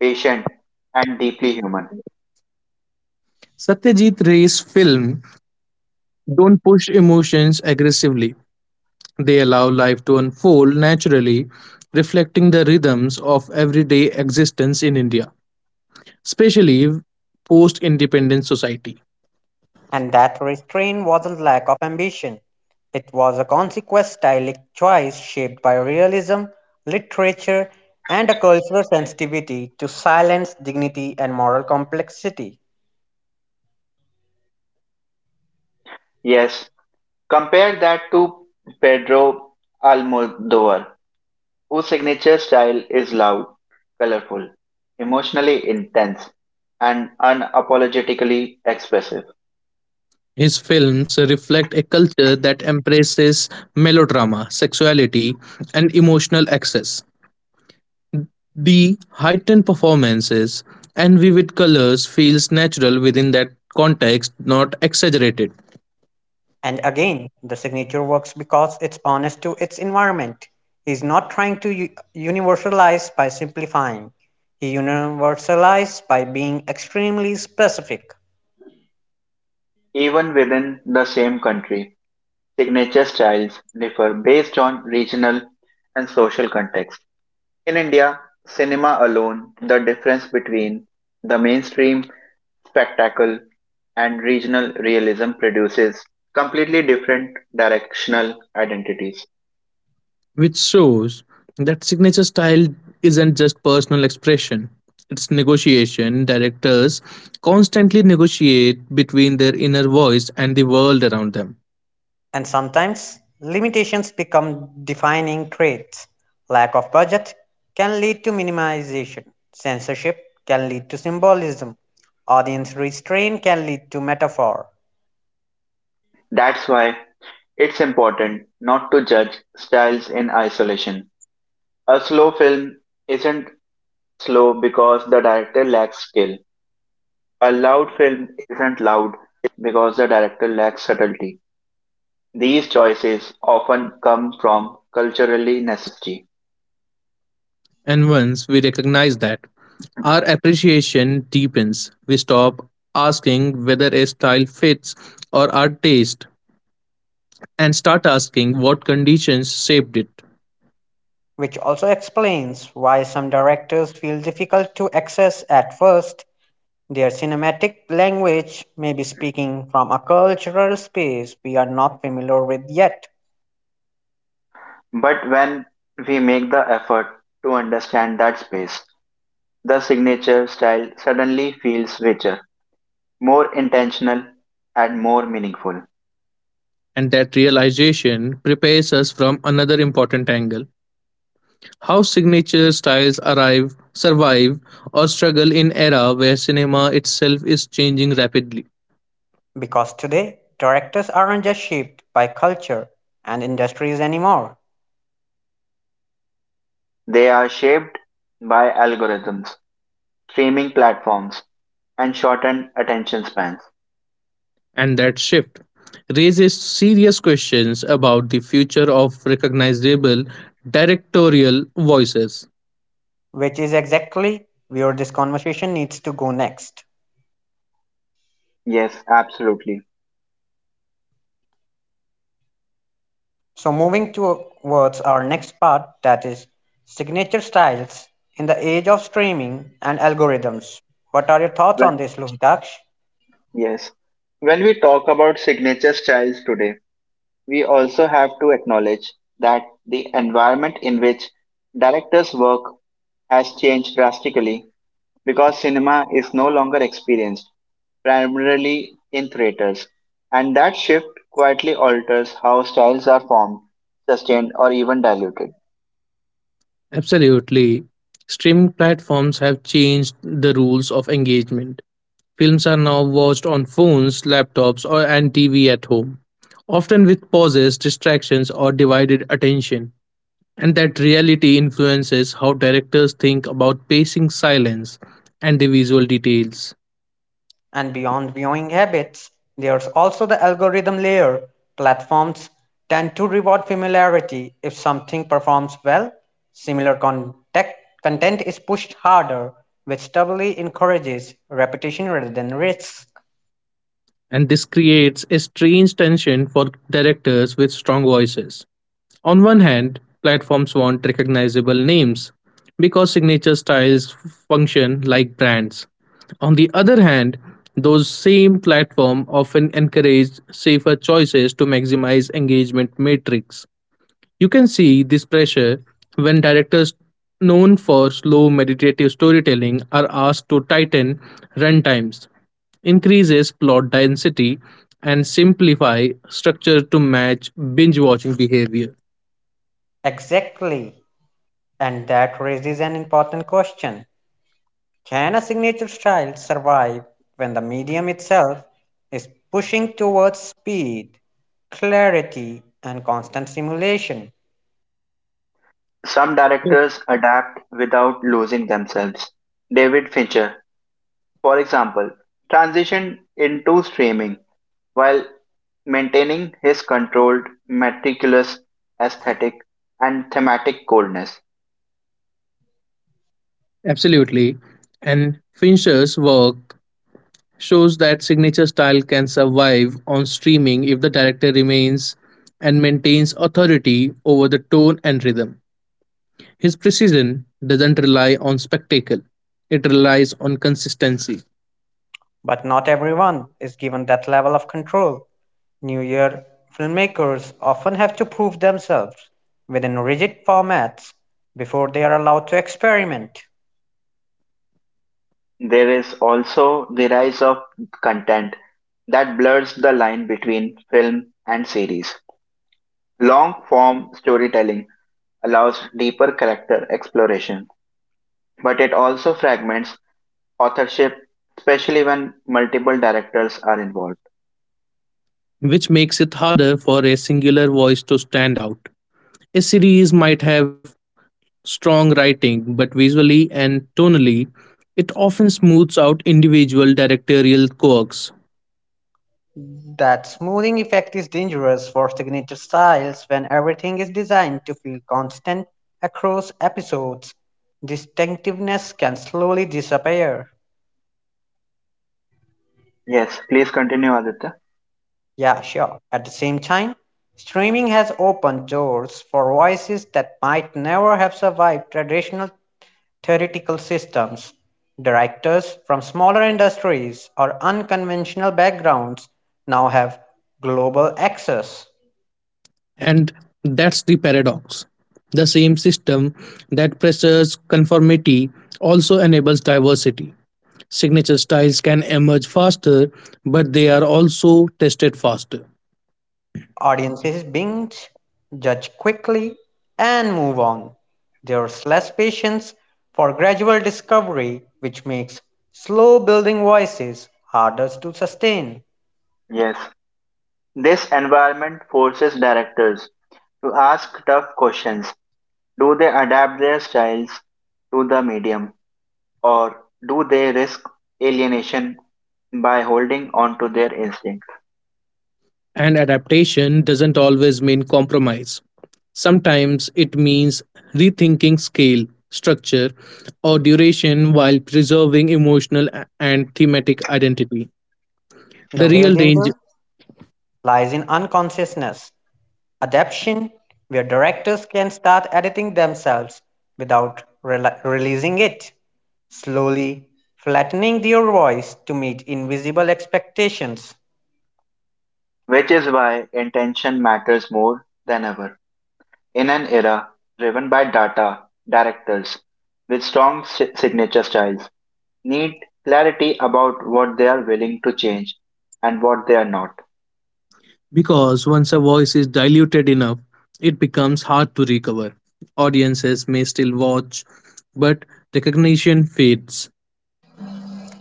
patient, and deeply human. Satyajit Ray's films don't push emotions aggressively. They allow life to unfold naturally, reflecting the rhythms of everyday existence in India, especially post independence society. And that restraint wasn't lack of ambition. It was a consequent stylistic choice shaped by realism, literature, and a cultural sensitivity to silence, dignity, and moral complexity. Yes, compare that to Pedro Almodovar, whose signature style is loud, colorful, emotionally intense, and unapologetically expressive. His films reflect a culture that embraces melodrama, sexuality, and emotional excess. The heightened performances and vivid colors feels natural within that context, not exaggerated, And again, the signature works because it's honest to its environment. He's not trying to universalize by simplifying. He universalizes by being extremely specific. Even within the same country, signature styles differ based on regional and social context. In India, cinema alone, the difference between the mainstream spectacle and regional realism produces completely different directional identities. which shows that signature style isn't just personal expression. It's negotiation. Directors constantly negotiate between their inner voice and the world around them. And sometimes limitations become defining traits. Lack of budget can lead to minimization. Censorship can lead to symbolism. Audience restraint can lead to metaphor, That's why it's important not to judge styles in isolation. A slow film isn't slow because the director lacks skill. A loud film isn't loud because the director lacks subtlety. These choices often come from culturally necessity. And once we recognize that, our appreciation deepens. We stop asking whether a style fits or our taste and start asking what conditions shaped it. which also explains why some directors feel difficult to access at first. Their cinematic language may be speaking from a cultural space we are not familiar with yet, But when we make the effort to understand that space, the signature style suddenly feels richer, more intentional, and more meaningful. And that realization prepares us from another important angle, how signature styles arrive survive or struggle in era where cinema itself is changing rapidly, because today directors aren't just shaped by culture and industries anymore, They are shaped by algorithms, streaming platforms, and shortened attention spans. and that shift raises serious questions about the future of recognizable directorial voices. which is exactly where this conversation needs to go next. Yes, absolutely. So, moving towards our next part that is signature styles in the age of streaming and algorithms. What are your thoughts on this, Lohitaksh? Yes. When we talk about signature styles today, we also have to acknowledge that the environment in which directors work has changed drastically because cinema is no longer experienced primarily in theaters. And that shift quietly alters how styles are formed, sustained, or even diluted. Absolutely, streaming platforms have changed the rules of engagement. Films are now watched on phones, laptops, or and TV at home, often with pauses, distractions, or divided attention. And that reality influences how directors think about pacing silence and the visual details. And beyond viewing habits, there's also the algorithm layer. Platforms tend to reward familiarity. If something performs well, similar content is pushed harder, which doubly encourages repetition rather than risk. And this creates a strange tension for directors with strong voices. On one hand, platforms want recognizable names because signature styles function like brands. On the other hand, those same platforms often encourage safer choices to maximize engagement metrics. You can see this pressure when directors known for slow meditative storytelling are asked to tighten runtimes, increases plot density, and simplify structure to match binge watching behavior. Exactly. And that raises an important question. Can a signature style survive when the medium itself is pushing towards speed, clarity, and constant stimulation? Some directors adapt without losing themselves. David Fincher, for example, transitioned into streaming while maintaining his controlled, meticulous aesthetic and thematic coldness. Absolutely. And Fincher's work shows that signature style can survive on streaming if the director remains and maintains authority over the tone and rhythm. His precision doesn't rely on spectacle, it relies on consistency, But not everyone is given that level of control. New Year filmmakers often have to prove themselves within rigid formats before they are allowed to experiment. There is also the rise of content that blurs the line between film and series. Long form storytelling allows deeper character exploration, but it also fragments authorship, especially when multiple directors are involved. which makes it harder for a singular voice to stand out. A series might have strong writing, but visually and tonally, it often smooths out individual directorial quirks. That smoothing effect is dangerous for signature styles when everything is designed to feel constant across episodes. Distinctiveness can slowly disappear. Yes, please continue, Aditya. Yeah, sure. At the same time, streaming has opened doors for voices that might never have survived traditional theoretical systems. Directors from smaller industries or unconventional backgrounds now have global access. And that's the paradox. The same system that pressures conformity also enables diversity. Signature styles can emerge faster, but they are also tested faster. Audiences binge, judge quickly, and move on. There's less patience for gradual discovery, which makes slow building voices harder to sustain. Yes. This environment forces directors to ask tough questions. Do they adapt their styles to the medium, or do they risk alienation by holding on to their instinct? And adaptation doesn't always mean compromise. Sometimes it means rethinking scale, structure, or duration while preserving emotional and thematic identity. The The real real danger. danger lies in unconsciousness. Adaption where directors can start editing themselves without rela releasing it, slowly flattening their voice to meet invisible expectations. Which is why intention matters more than ever. In an era driven by data, directors with strong signature styles need clarity about what they are willing to change and what they are not. Because once a voice is diluted enough, it becomes hard to recover. Audiences may still watch, but recognition fades.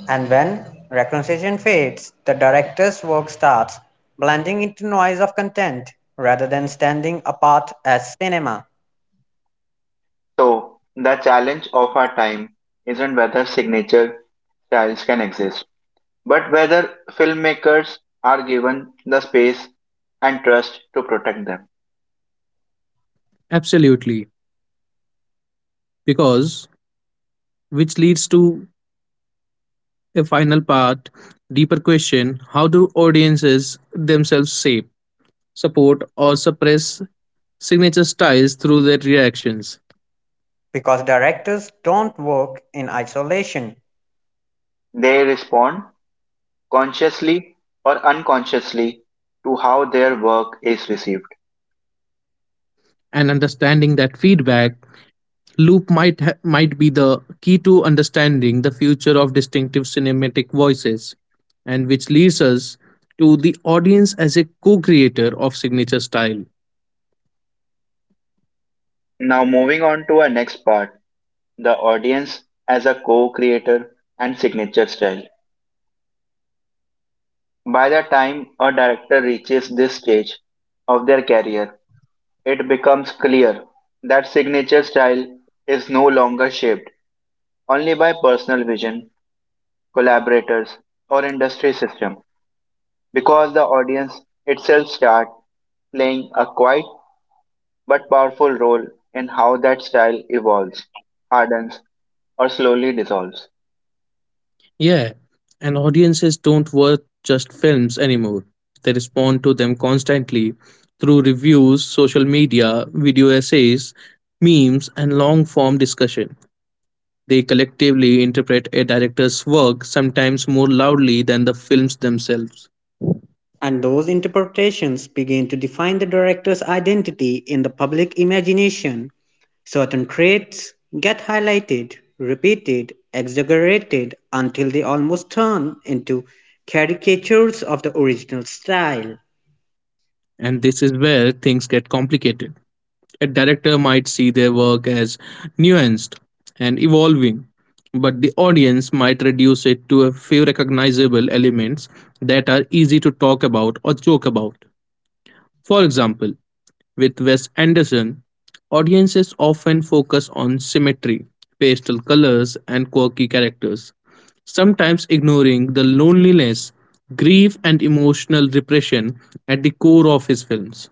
And when reconciliation fades, the director's work starts blending into noise of content rather than standing apart as cinema, So, the challenge of our time isn't whether signature styles can exist, but whether filmmakers are given the space and trust to protect them. Absolutely. Because, which leads to a final part, deeper question, how do audiences themselves shape, support, or suppress signature styles through their reactions? because directors don't work in isolation. They respond consciously or unconsciously to how their work is received. And understanding that feedback Loop might be the key to understanding the future of distinctive cinematic voices, and which leads us to the audience as a co-creator of signature style. Now, moving on to our next part, the audience as a co creator and signature style. By the time a director reaches this stage of their career, it becomes clear that signature style is no longer shaped only by personal vision, collaborators, or industry system, because the audience itself starts playing a quiet but powerful role in how that style evolves, hardens, or slowly dissolves. Yeah, and audiences don't watch just films anymore; they respond to them constantly through reviews, social media, video essays, memes, and long-form discussion. They collectively interpret a director's work, sometimes more loudly than the films themselves. And those interpretations begin to define the director's identity in the public imagination. Certain traits get highlighted, repeated, exaggerated until they almost turn into caricatures of the original style. And this is where things get complicated. A director might see their work as nuanced and evolving, but the audience might reduce it to a few recognizable elements that are easy to talk about or joke about. For example, with Wes Anderson, audiences often focus on symmetry, pastel colors, and quirky characters, sometimes ignoring the loneliness, grief, and emotional repression at the core of his films.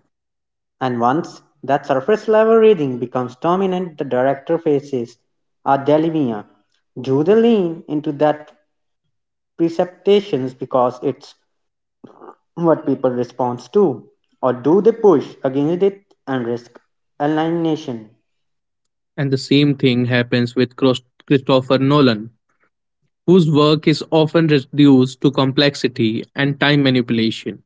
And once that surface level reading becomes dominant, the director faces a dilemma. Do they lean into that preceptations because it's what people respond to? Or do they push against it and risk alienation? And the same thing happens with Christopher Nolan, whose work is often reduced to complexity and time manipulation,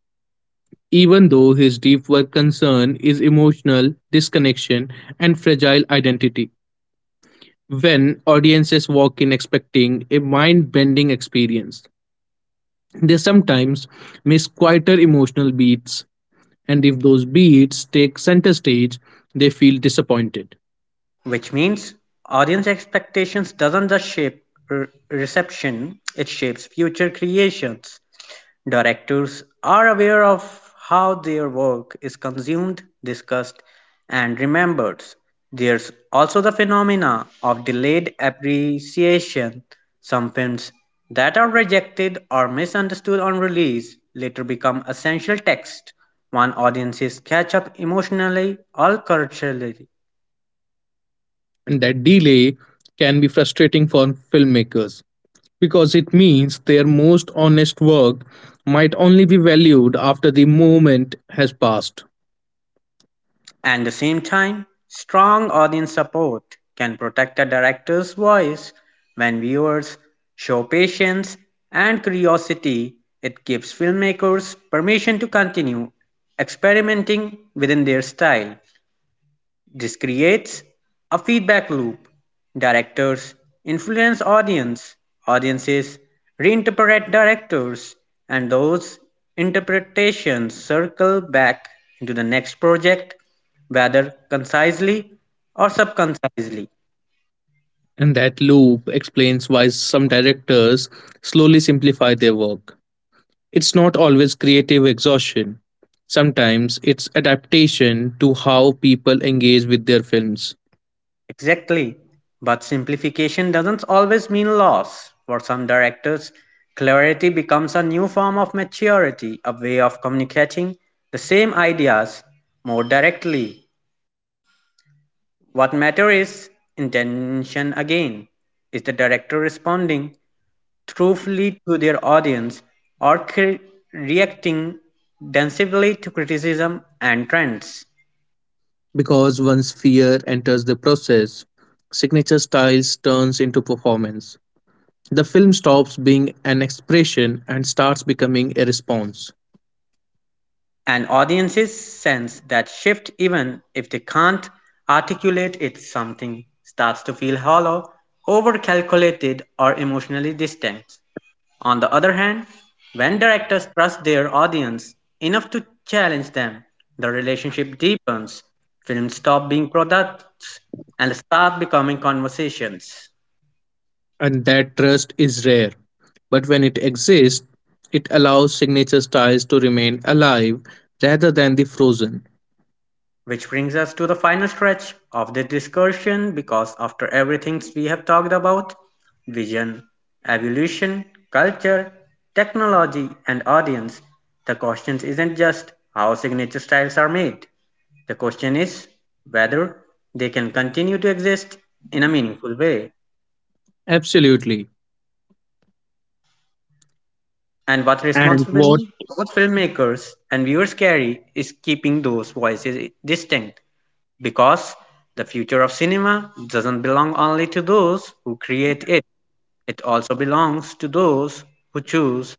even though his deep work concern is emotional disconnection and fragile identity. When audiences walk in expecting a mind bending experience, they sometimes miss quieter emotional beats, and if those beats take center stage, they feel disappointed. Which means audience expectations doesn't just shape reception. It shapes future creations. Directors are aware of how their work is consumed, discussed, and remembered. There's also the phenomena of delayed appreciation. Some films that are rejected or misunderstood on release later become essential texts, one audiences catch up emotionally or culturally. And that delay can be frustrating for filmmakers because it means their most honest work might only be valued after the moment has passed. At the same time, strong audience support can protect a director's voice. When viewers show patience and curiosity, it gives filmmakers permission to continue experimenting within their style. This creates a feedback loop. Directors influence audience, audiences reinterpret directors, and those interpretations circle back into the next project, whether concisely or subconcisely. And that loop explains why some directors slowly simplify their work. It's not always creative exhaustion. Sometimes it's adaptation to how people engage with their films. Exactly. But simplification doesn't always mean loss. For some directors, clarity becomes a new form of maturity, a way of communicating the same ideas more directly. What matter is intention again. Is the director responding truthfully to their audience or reacting densively to criticism and trends? Because once fear enters the process, signature styles turns into performance. The film stops being an expression and starts becoming a response. And audiences sense that shift even if they can't articulate it. Something starts to feel hollow, over calculated or emotionally distant. On the other hand, when directors trust their audience enough to challenge them, the relationship deepens. Films stop being products and start becoming conversations. And that trust is rare. But when it exists, it allows signature styles to remain alive rather than the frozen. Which brings us to the final stretch of this discussion because after everything we have talked about vision, evolution, culture, technology, and audience the question isn't just how signature styles are made. The question is whether they can continue to exist in a meaningful way. Absolutely. And what And what. responsibility both filmmakers and viewers carry is keeping those voices distinct. Because the future of cinema doesn't belong only to those who create it, it also belongs to those who choose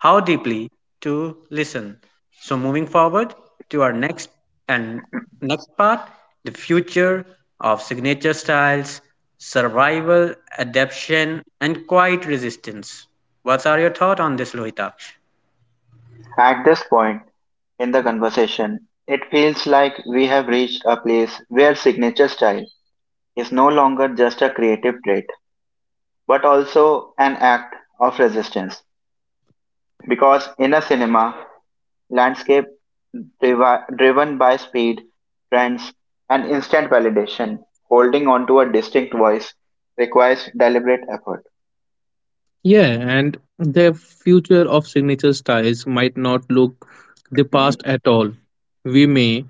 how deeply to listen. So moving forward to our next and next part, the future of signature styles, survival, adaptation, and quiet resistance. What are your thoughts on this, Lohitaksh? At this point in the conversation, it feels like we have reached a place where signature style is no longer just a creative trait but also an act of resistance. Because in a cinema landscape driven by speed, trends, and instant validation, holding on to a distinct voice requires deliberate effort. Yeah, and the future of signature styles might not look the past at all. We may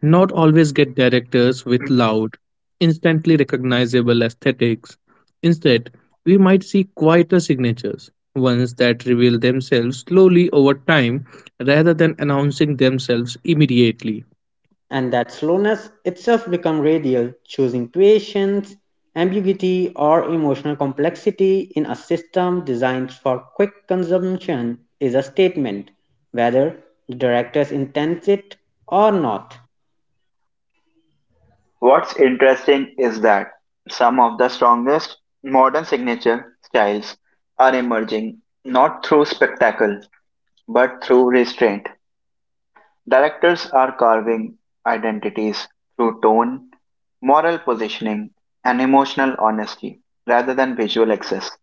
not always get directors with loud, instantly recognizable aesthetics. Instead, we might see quieter signatures, ones that reveal themselves slowly over time rather than announcing themselves immediately, And that slowness itself become radial, choosing patience, ambiguity, or emotional complexity in a system designed for quick consumption is a statement, whether the directors intends it or not. What's interesting is that some of the strongest modern signature styles are emerging not through spectacle but through restraint. Directors are carving identities through tone, moral positioning, and emotional honesty rather than visual access.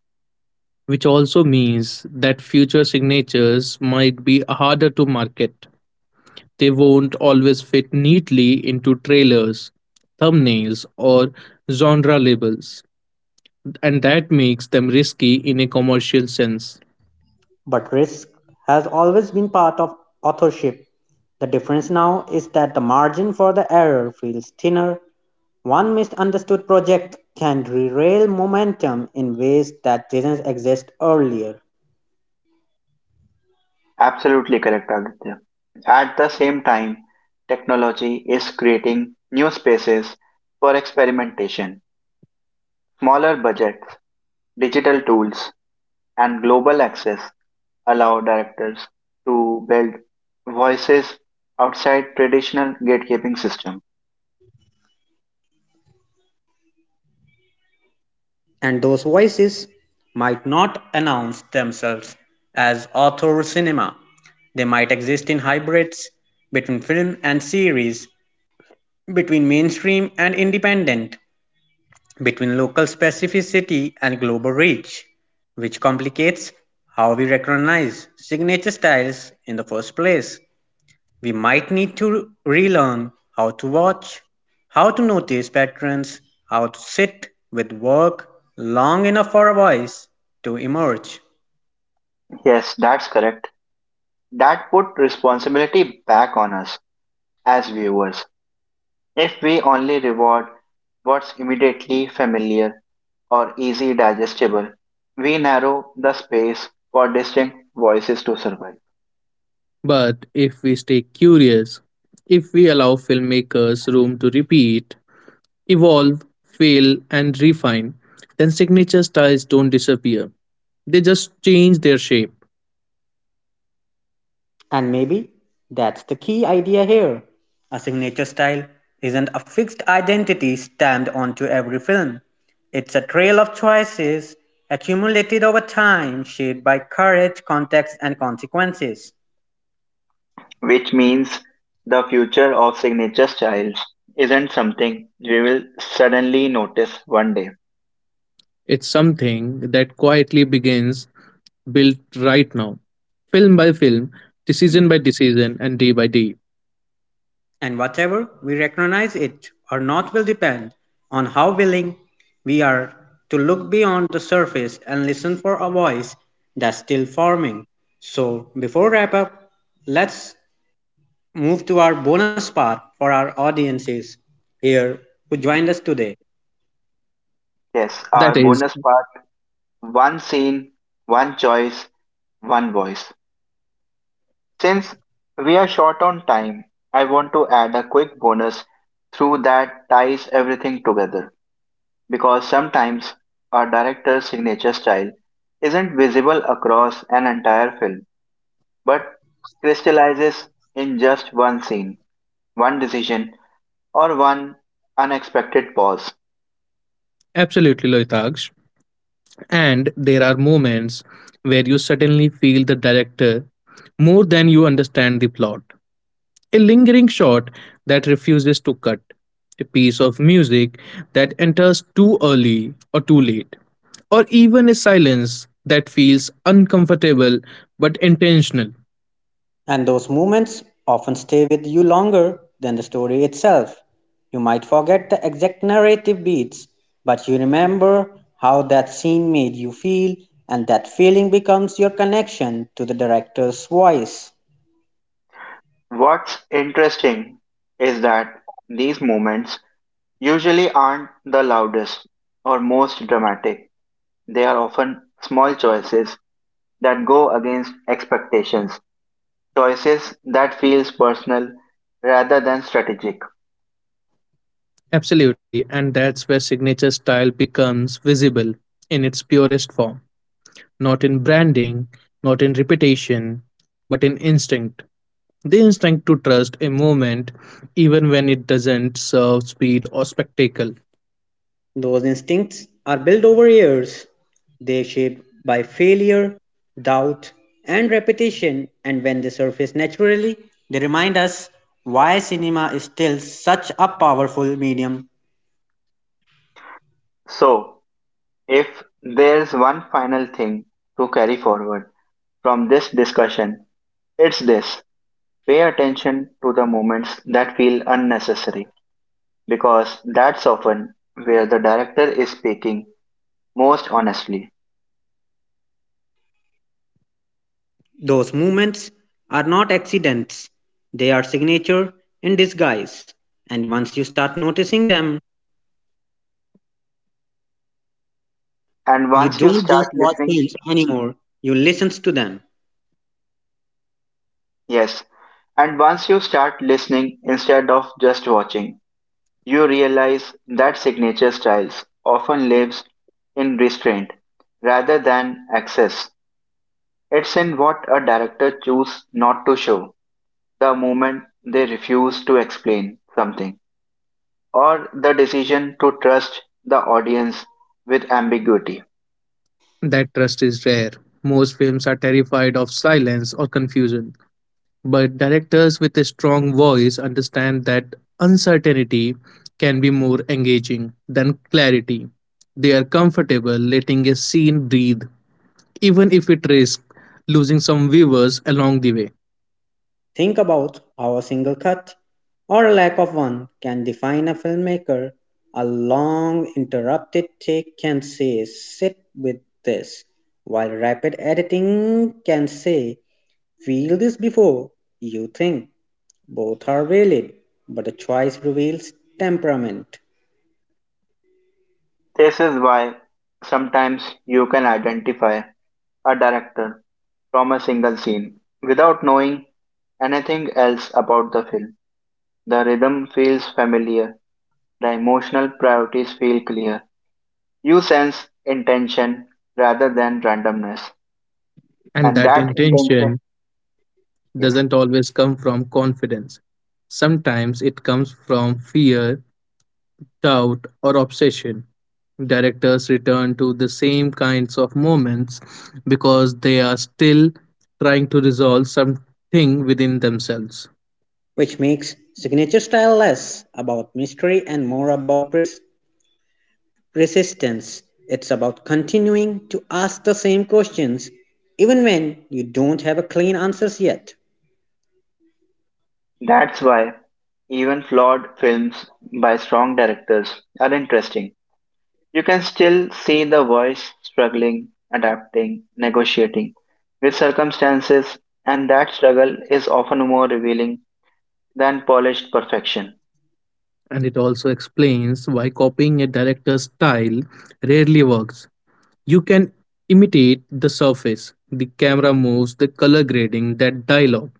which also means that future signatures might be harder to market. They won't always fit neatly into trailers, thumbnails, or genre labels, and that makes them risky in a commercial sense. But risk has always been part of authorship. The difference now is that the margin for the error feels thinner. One misunderstood project can derail momentum in ways that didn't exist earlier. Absolutely correct, Aditya. At the same time, technology is creating new spaces for experimentation. Smaller budgets, digital tools, and global access allow directors to build voices outside traditional gatekeeping system. And those voices might not announce themselves as author or cinema. They might exist in hybrids between film and series, between mainstream and independent, between local specificity and global reach, which complicates how we recognize signature styles in the first place. We might need to relearn how to watch, how to notice patterns, how to sit with work long enough for a voice to emerge. Yes, that's correct. That put responsibility back on us as viewers. If we only reward what's immediately familiar or easy digestible, we narrow the space for distinct voices to survive, But if we stay curious, if we allow filmmakers room to repeat, evolve, fail, and refine, then signature styles don't disappear. They just change their shape. And maybe that's the key idea here. A signature style isn't a fixed identity stamped onto every film. It's a trail of choices accumulated over time, shaped by courage, context, and consequences. which means the future of signature styles isn't something we will suddenly notice one day. It's something that quietly begins built right now, film by film, decision by decision, and day by day. And whatever we recognize it or not will depend on how willing we are to look beyond the surface and listen for a voice that's still forming. So, before wrap up, let's move to our bonus part for our audiences here who joined us today. Yes, That our is bonus part, one scene, one choice, one voice. Since we are short on time, I want to add a quick bonus through that ties everything together because sometimes a director's signature style isn't visible across an entire film but crystallizes in just one scene, one decision, or one unexpected pause. absolutely Loitaksh. And there are moments where you suddenly feel the director more than you understand the plot. A lingering shot that refuses to cut, a piece of music that enters too early or too late, or even a silence that feels uncomfortable but intentional. And those moments often stay with you longer than the story itself. You might forget the exact narrative beats, but you remember how that scene made you feel, and that feeling becomes your connection to the director's voice. What's interesting is that these moments usually aren't the loudest or most dramatic. They are often small choices that go against expectations, choices that feels personal rather than strategic. Absolutely, and that's where signature style becomes visible in its purest form. Not in branding, not in reputation, but in instinct. The instinct to trust a movement even when it doesn't serve speed or spectacle. Those instincts are built over years. They shaped by failure, doubt, and repetition, and when they surface naturally, they remind us why cinema is still such a powerful medium. So, if there's one final thing to carry forward from this discussion, it's this. Pay attention to the moments that feel unnecessary because that's often where the director is speaking most honestly. Those movements are not accidents, they are signature in disguise. And once you start noticing them, And you once you don't start just watch listening, films anymore, you listen to them. yes, and once you start listening instead of just watching, you realize that signature styles often lives in restraint rather than excess. It's in what a director chooses not to show, the moment they refuse to explain something, or the decision to trust the audience with ambiguity. That trust is rare. Most films are terrified of silence or confusion, but directors with a strong voice understand that uncertainty can be more engaging than clarity. They are comfortable letting a scene breathe, even if it risks losing some viewers along the way. Think about how a single cut or a lack of one can define a filmmaker. A long interrupted take can say, sit with this, while rapid editing can say, feel this before you think. Both are valid, but a choice reveals temperament, This is why sometimes you can identify a director from a single scene without knowing anything else about the film. The rhythm feels familiar. The emotional priorities feel clear. You sense intention rather than randomness. And And that that intention, intention yes. doesn't always come from confidence. Sometimes it comes from fear, doubt, or obsession. Directors return to the same kinds of moments because they are still trying to resolve something within themselves. which makes signature style less about mystery and more about persistence. It's about continuing to ask the same questions even when you don't have a clean answers yet. That's why even flawed films by strong directors are interesting. You can still see the voice struggling, adapting, negotiating with circumstances, and that struggle is often more revealing than polished perfection. And it also explains why copying a director's style rarely works. You can imitate the surface, the camera moves, the color grading, that dialogue,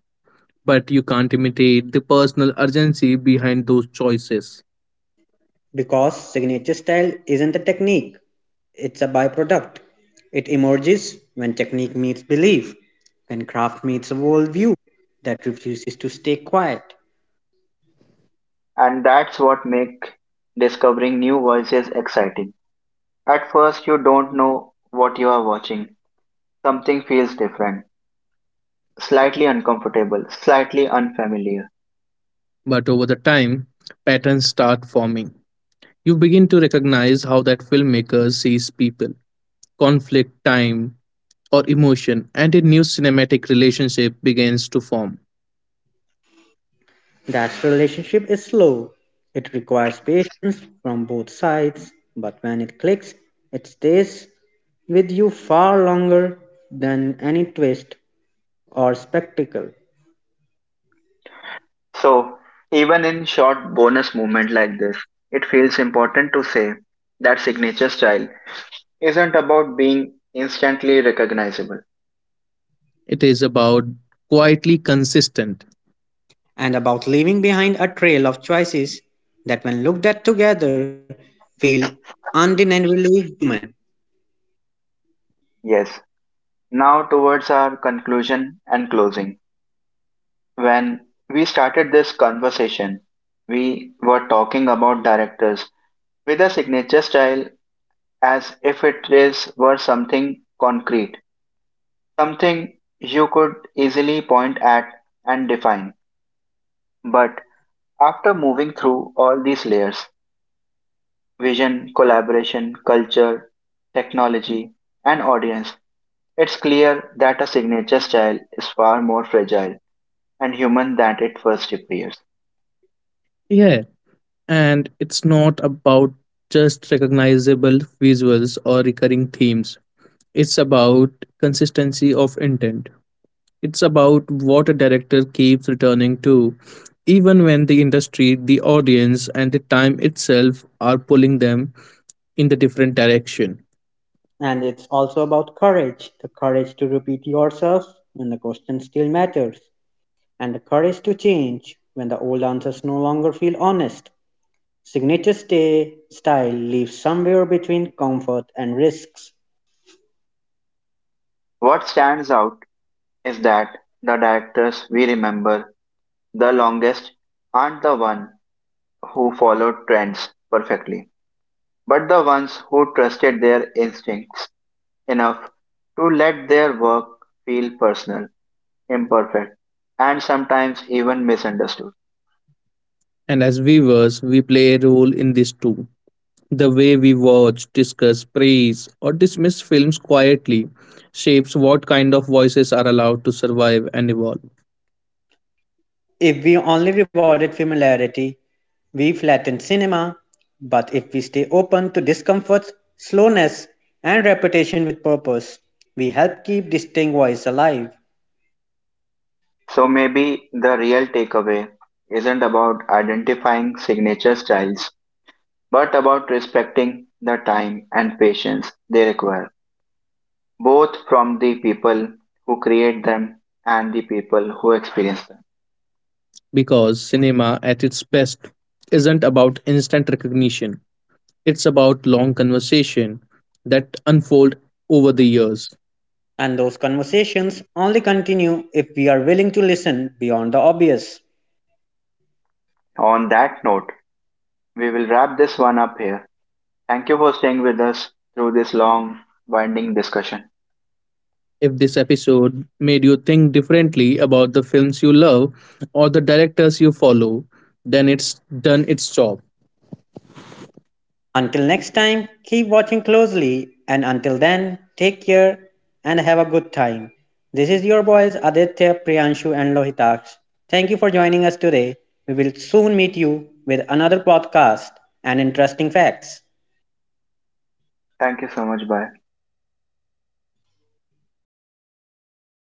but you can't imitate the personal urgency behind those choices. Because signature style isn't a technique, it's a byproduct. It emerges when technique meets belief, when craft meets a worldview that refuses to stay quiet. And that's what makes discovering new voices exciting. At first, you don't know what you are watching. Something feels different, slightly uncomfortable, slightly unfamiliar. But over the time, patterns start forming. You begin to recognize how that filmmaker sees people, conflict, time, or emotion, and a new cinematic relationship begins to form. That relationship is slow. It requires patience from both sides, but when it clicks, it stays with you far longer than any twist or spectacle. So, even in short bonus movement like this, it feels important to say that signature style isn't about being instantly recognizable. It is about quietly consistent. And about leaving behind a trail of choices that, when looked at together, feel undeniably human. Yes. Now towards our conclusion and closing. When we started this conversation, we were talking about directors with a signature style as if it is were something concrete, something you could easily point at and define. But after moving through all these layers vision, collaboration, culture, technology, and audience it's clear that a signature style is far more fragile and human than it first appears. Yeah, and it's not about just recognizable visuals or recurring themes. It's about consistency of intent. It's about what a director keeps returning to, even when the industry, the audience, and the time itself are pulling them in the different direction. And it's also about courage the courage to repeat yourself when the question still matters, and the courage to change when the old answers no longer feel honest. Signature stay style lives somewhere between comfort and risks. What stands out is that the directors we remember the longest aren't the one who followed trends perfectly but the ones who trusted their instincts enough to let their work feel personal, imperfect, and sometimes even misunderstood. And as viewers, we play a role in this too. The way we watch, discuss, praise, or dismiss films quietly shapes what kind of voices are allowed to survive and evolve. If we only rewarded familiarity, we flatten cinema, but if we stay open to discomfort, slowness, and repetition with purpose, we help keep distinct voice alive. So maybe the real takeaway isn't about identifying signature styles, but about respecting the time and patience they require, both from the people who create them and the people who experience them. Because cinema, at its best, isn't about instant recognition, it's about long conversation that unfold over the years. And those conversations only continue if we are willing to listen beyond the obvious. On that note, we will wrap this one up here. Thank you for staying with us through this long, winding discussion. If this episode made you think differently about the films you love or the directors you follow, then it's done its job. Until next time, keep watching closely, and until then, take care and have a good time. This is your boys Aditya, Priyanshu, and Lohitaksh. Thank you for joining us today. We will soon meet you with another podcast and interesting facts. Thank you so much. Bye.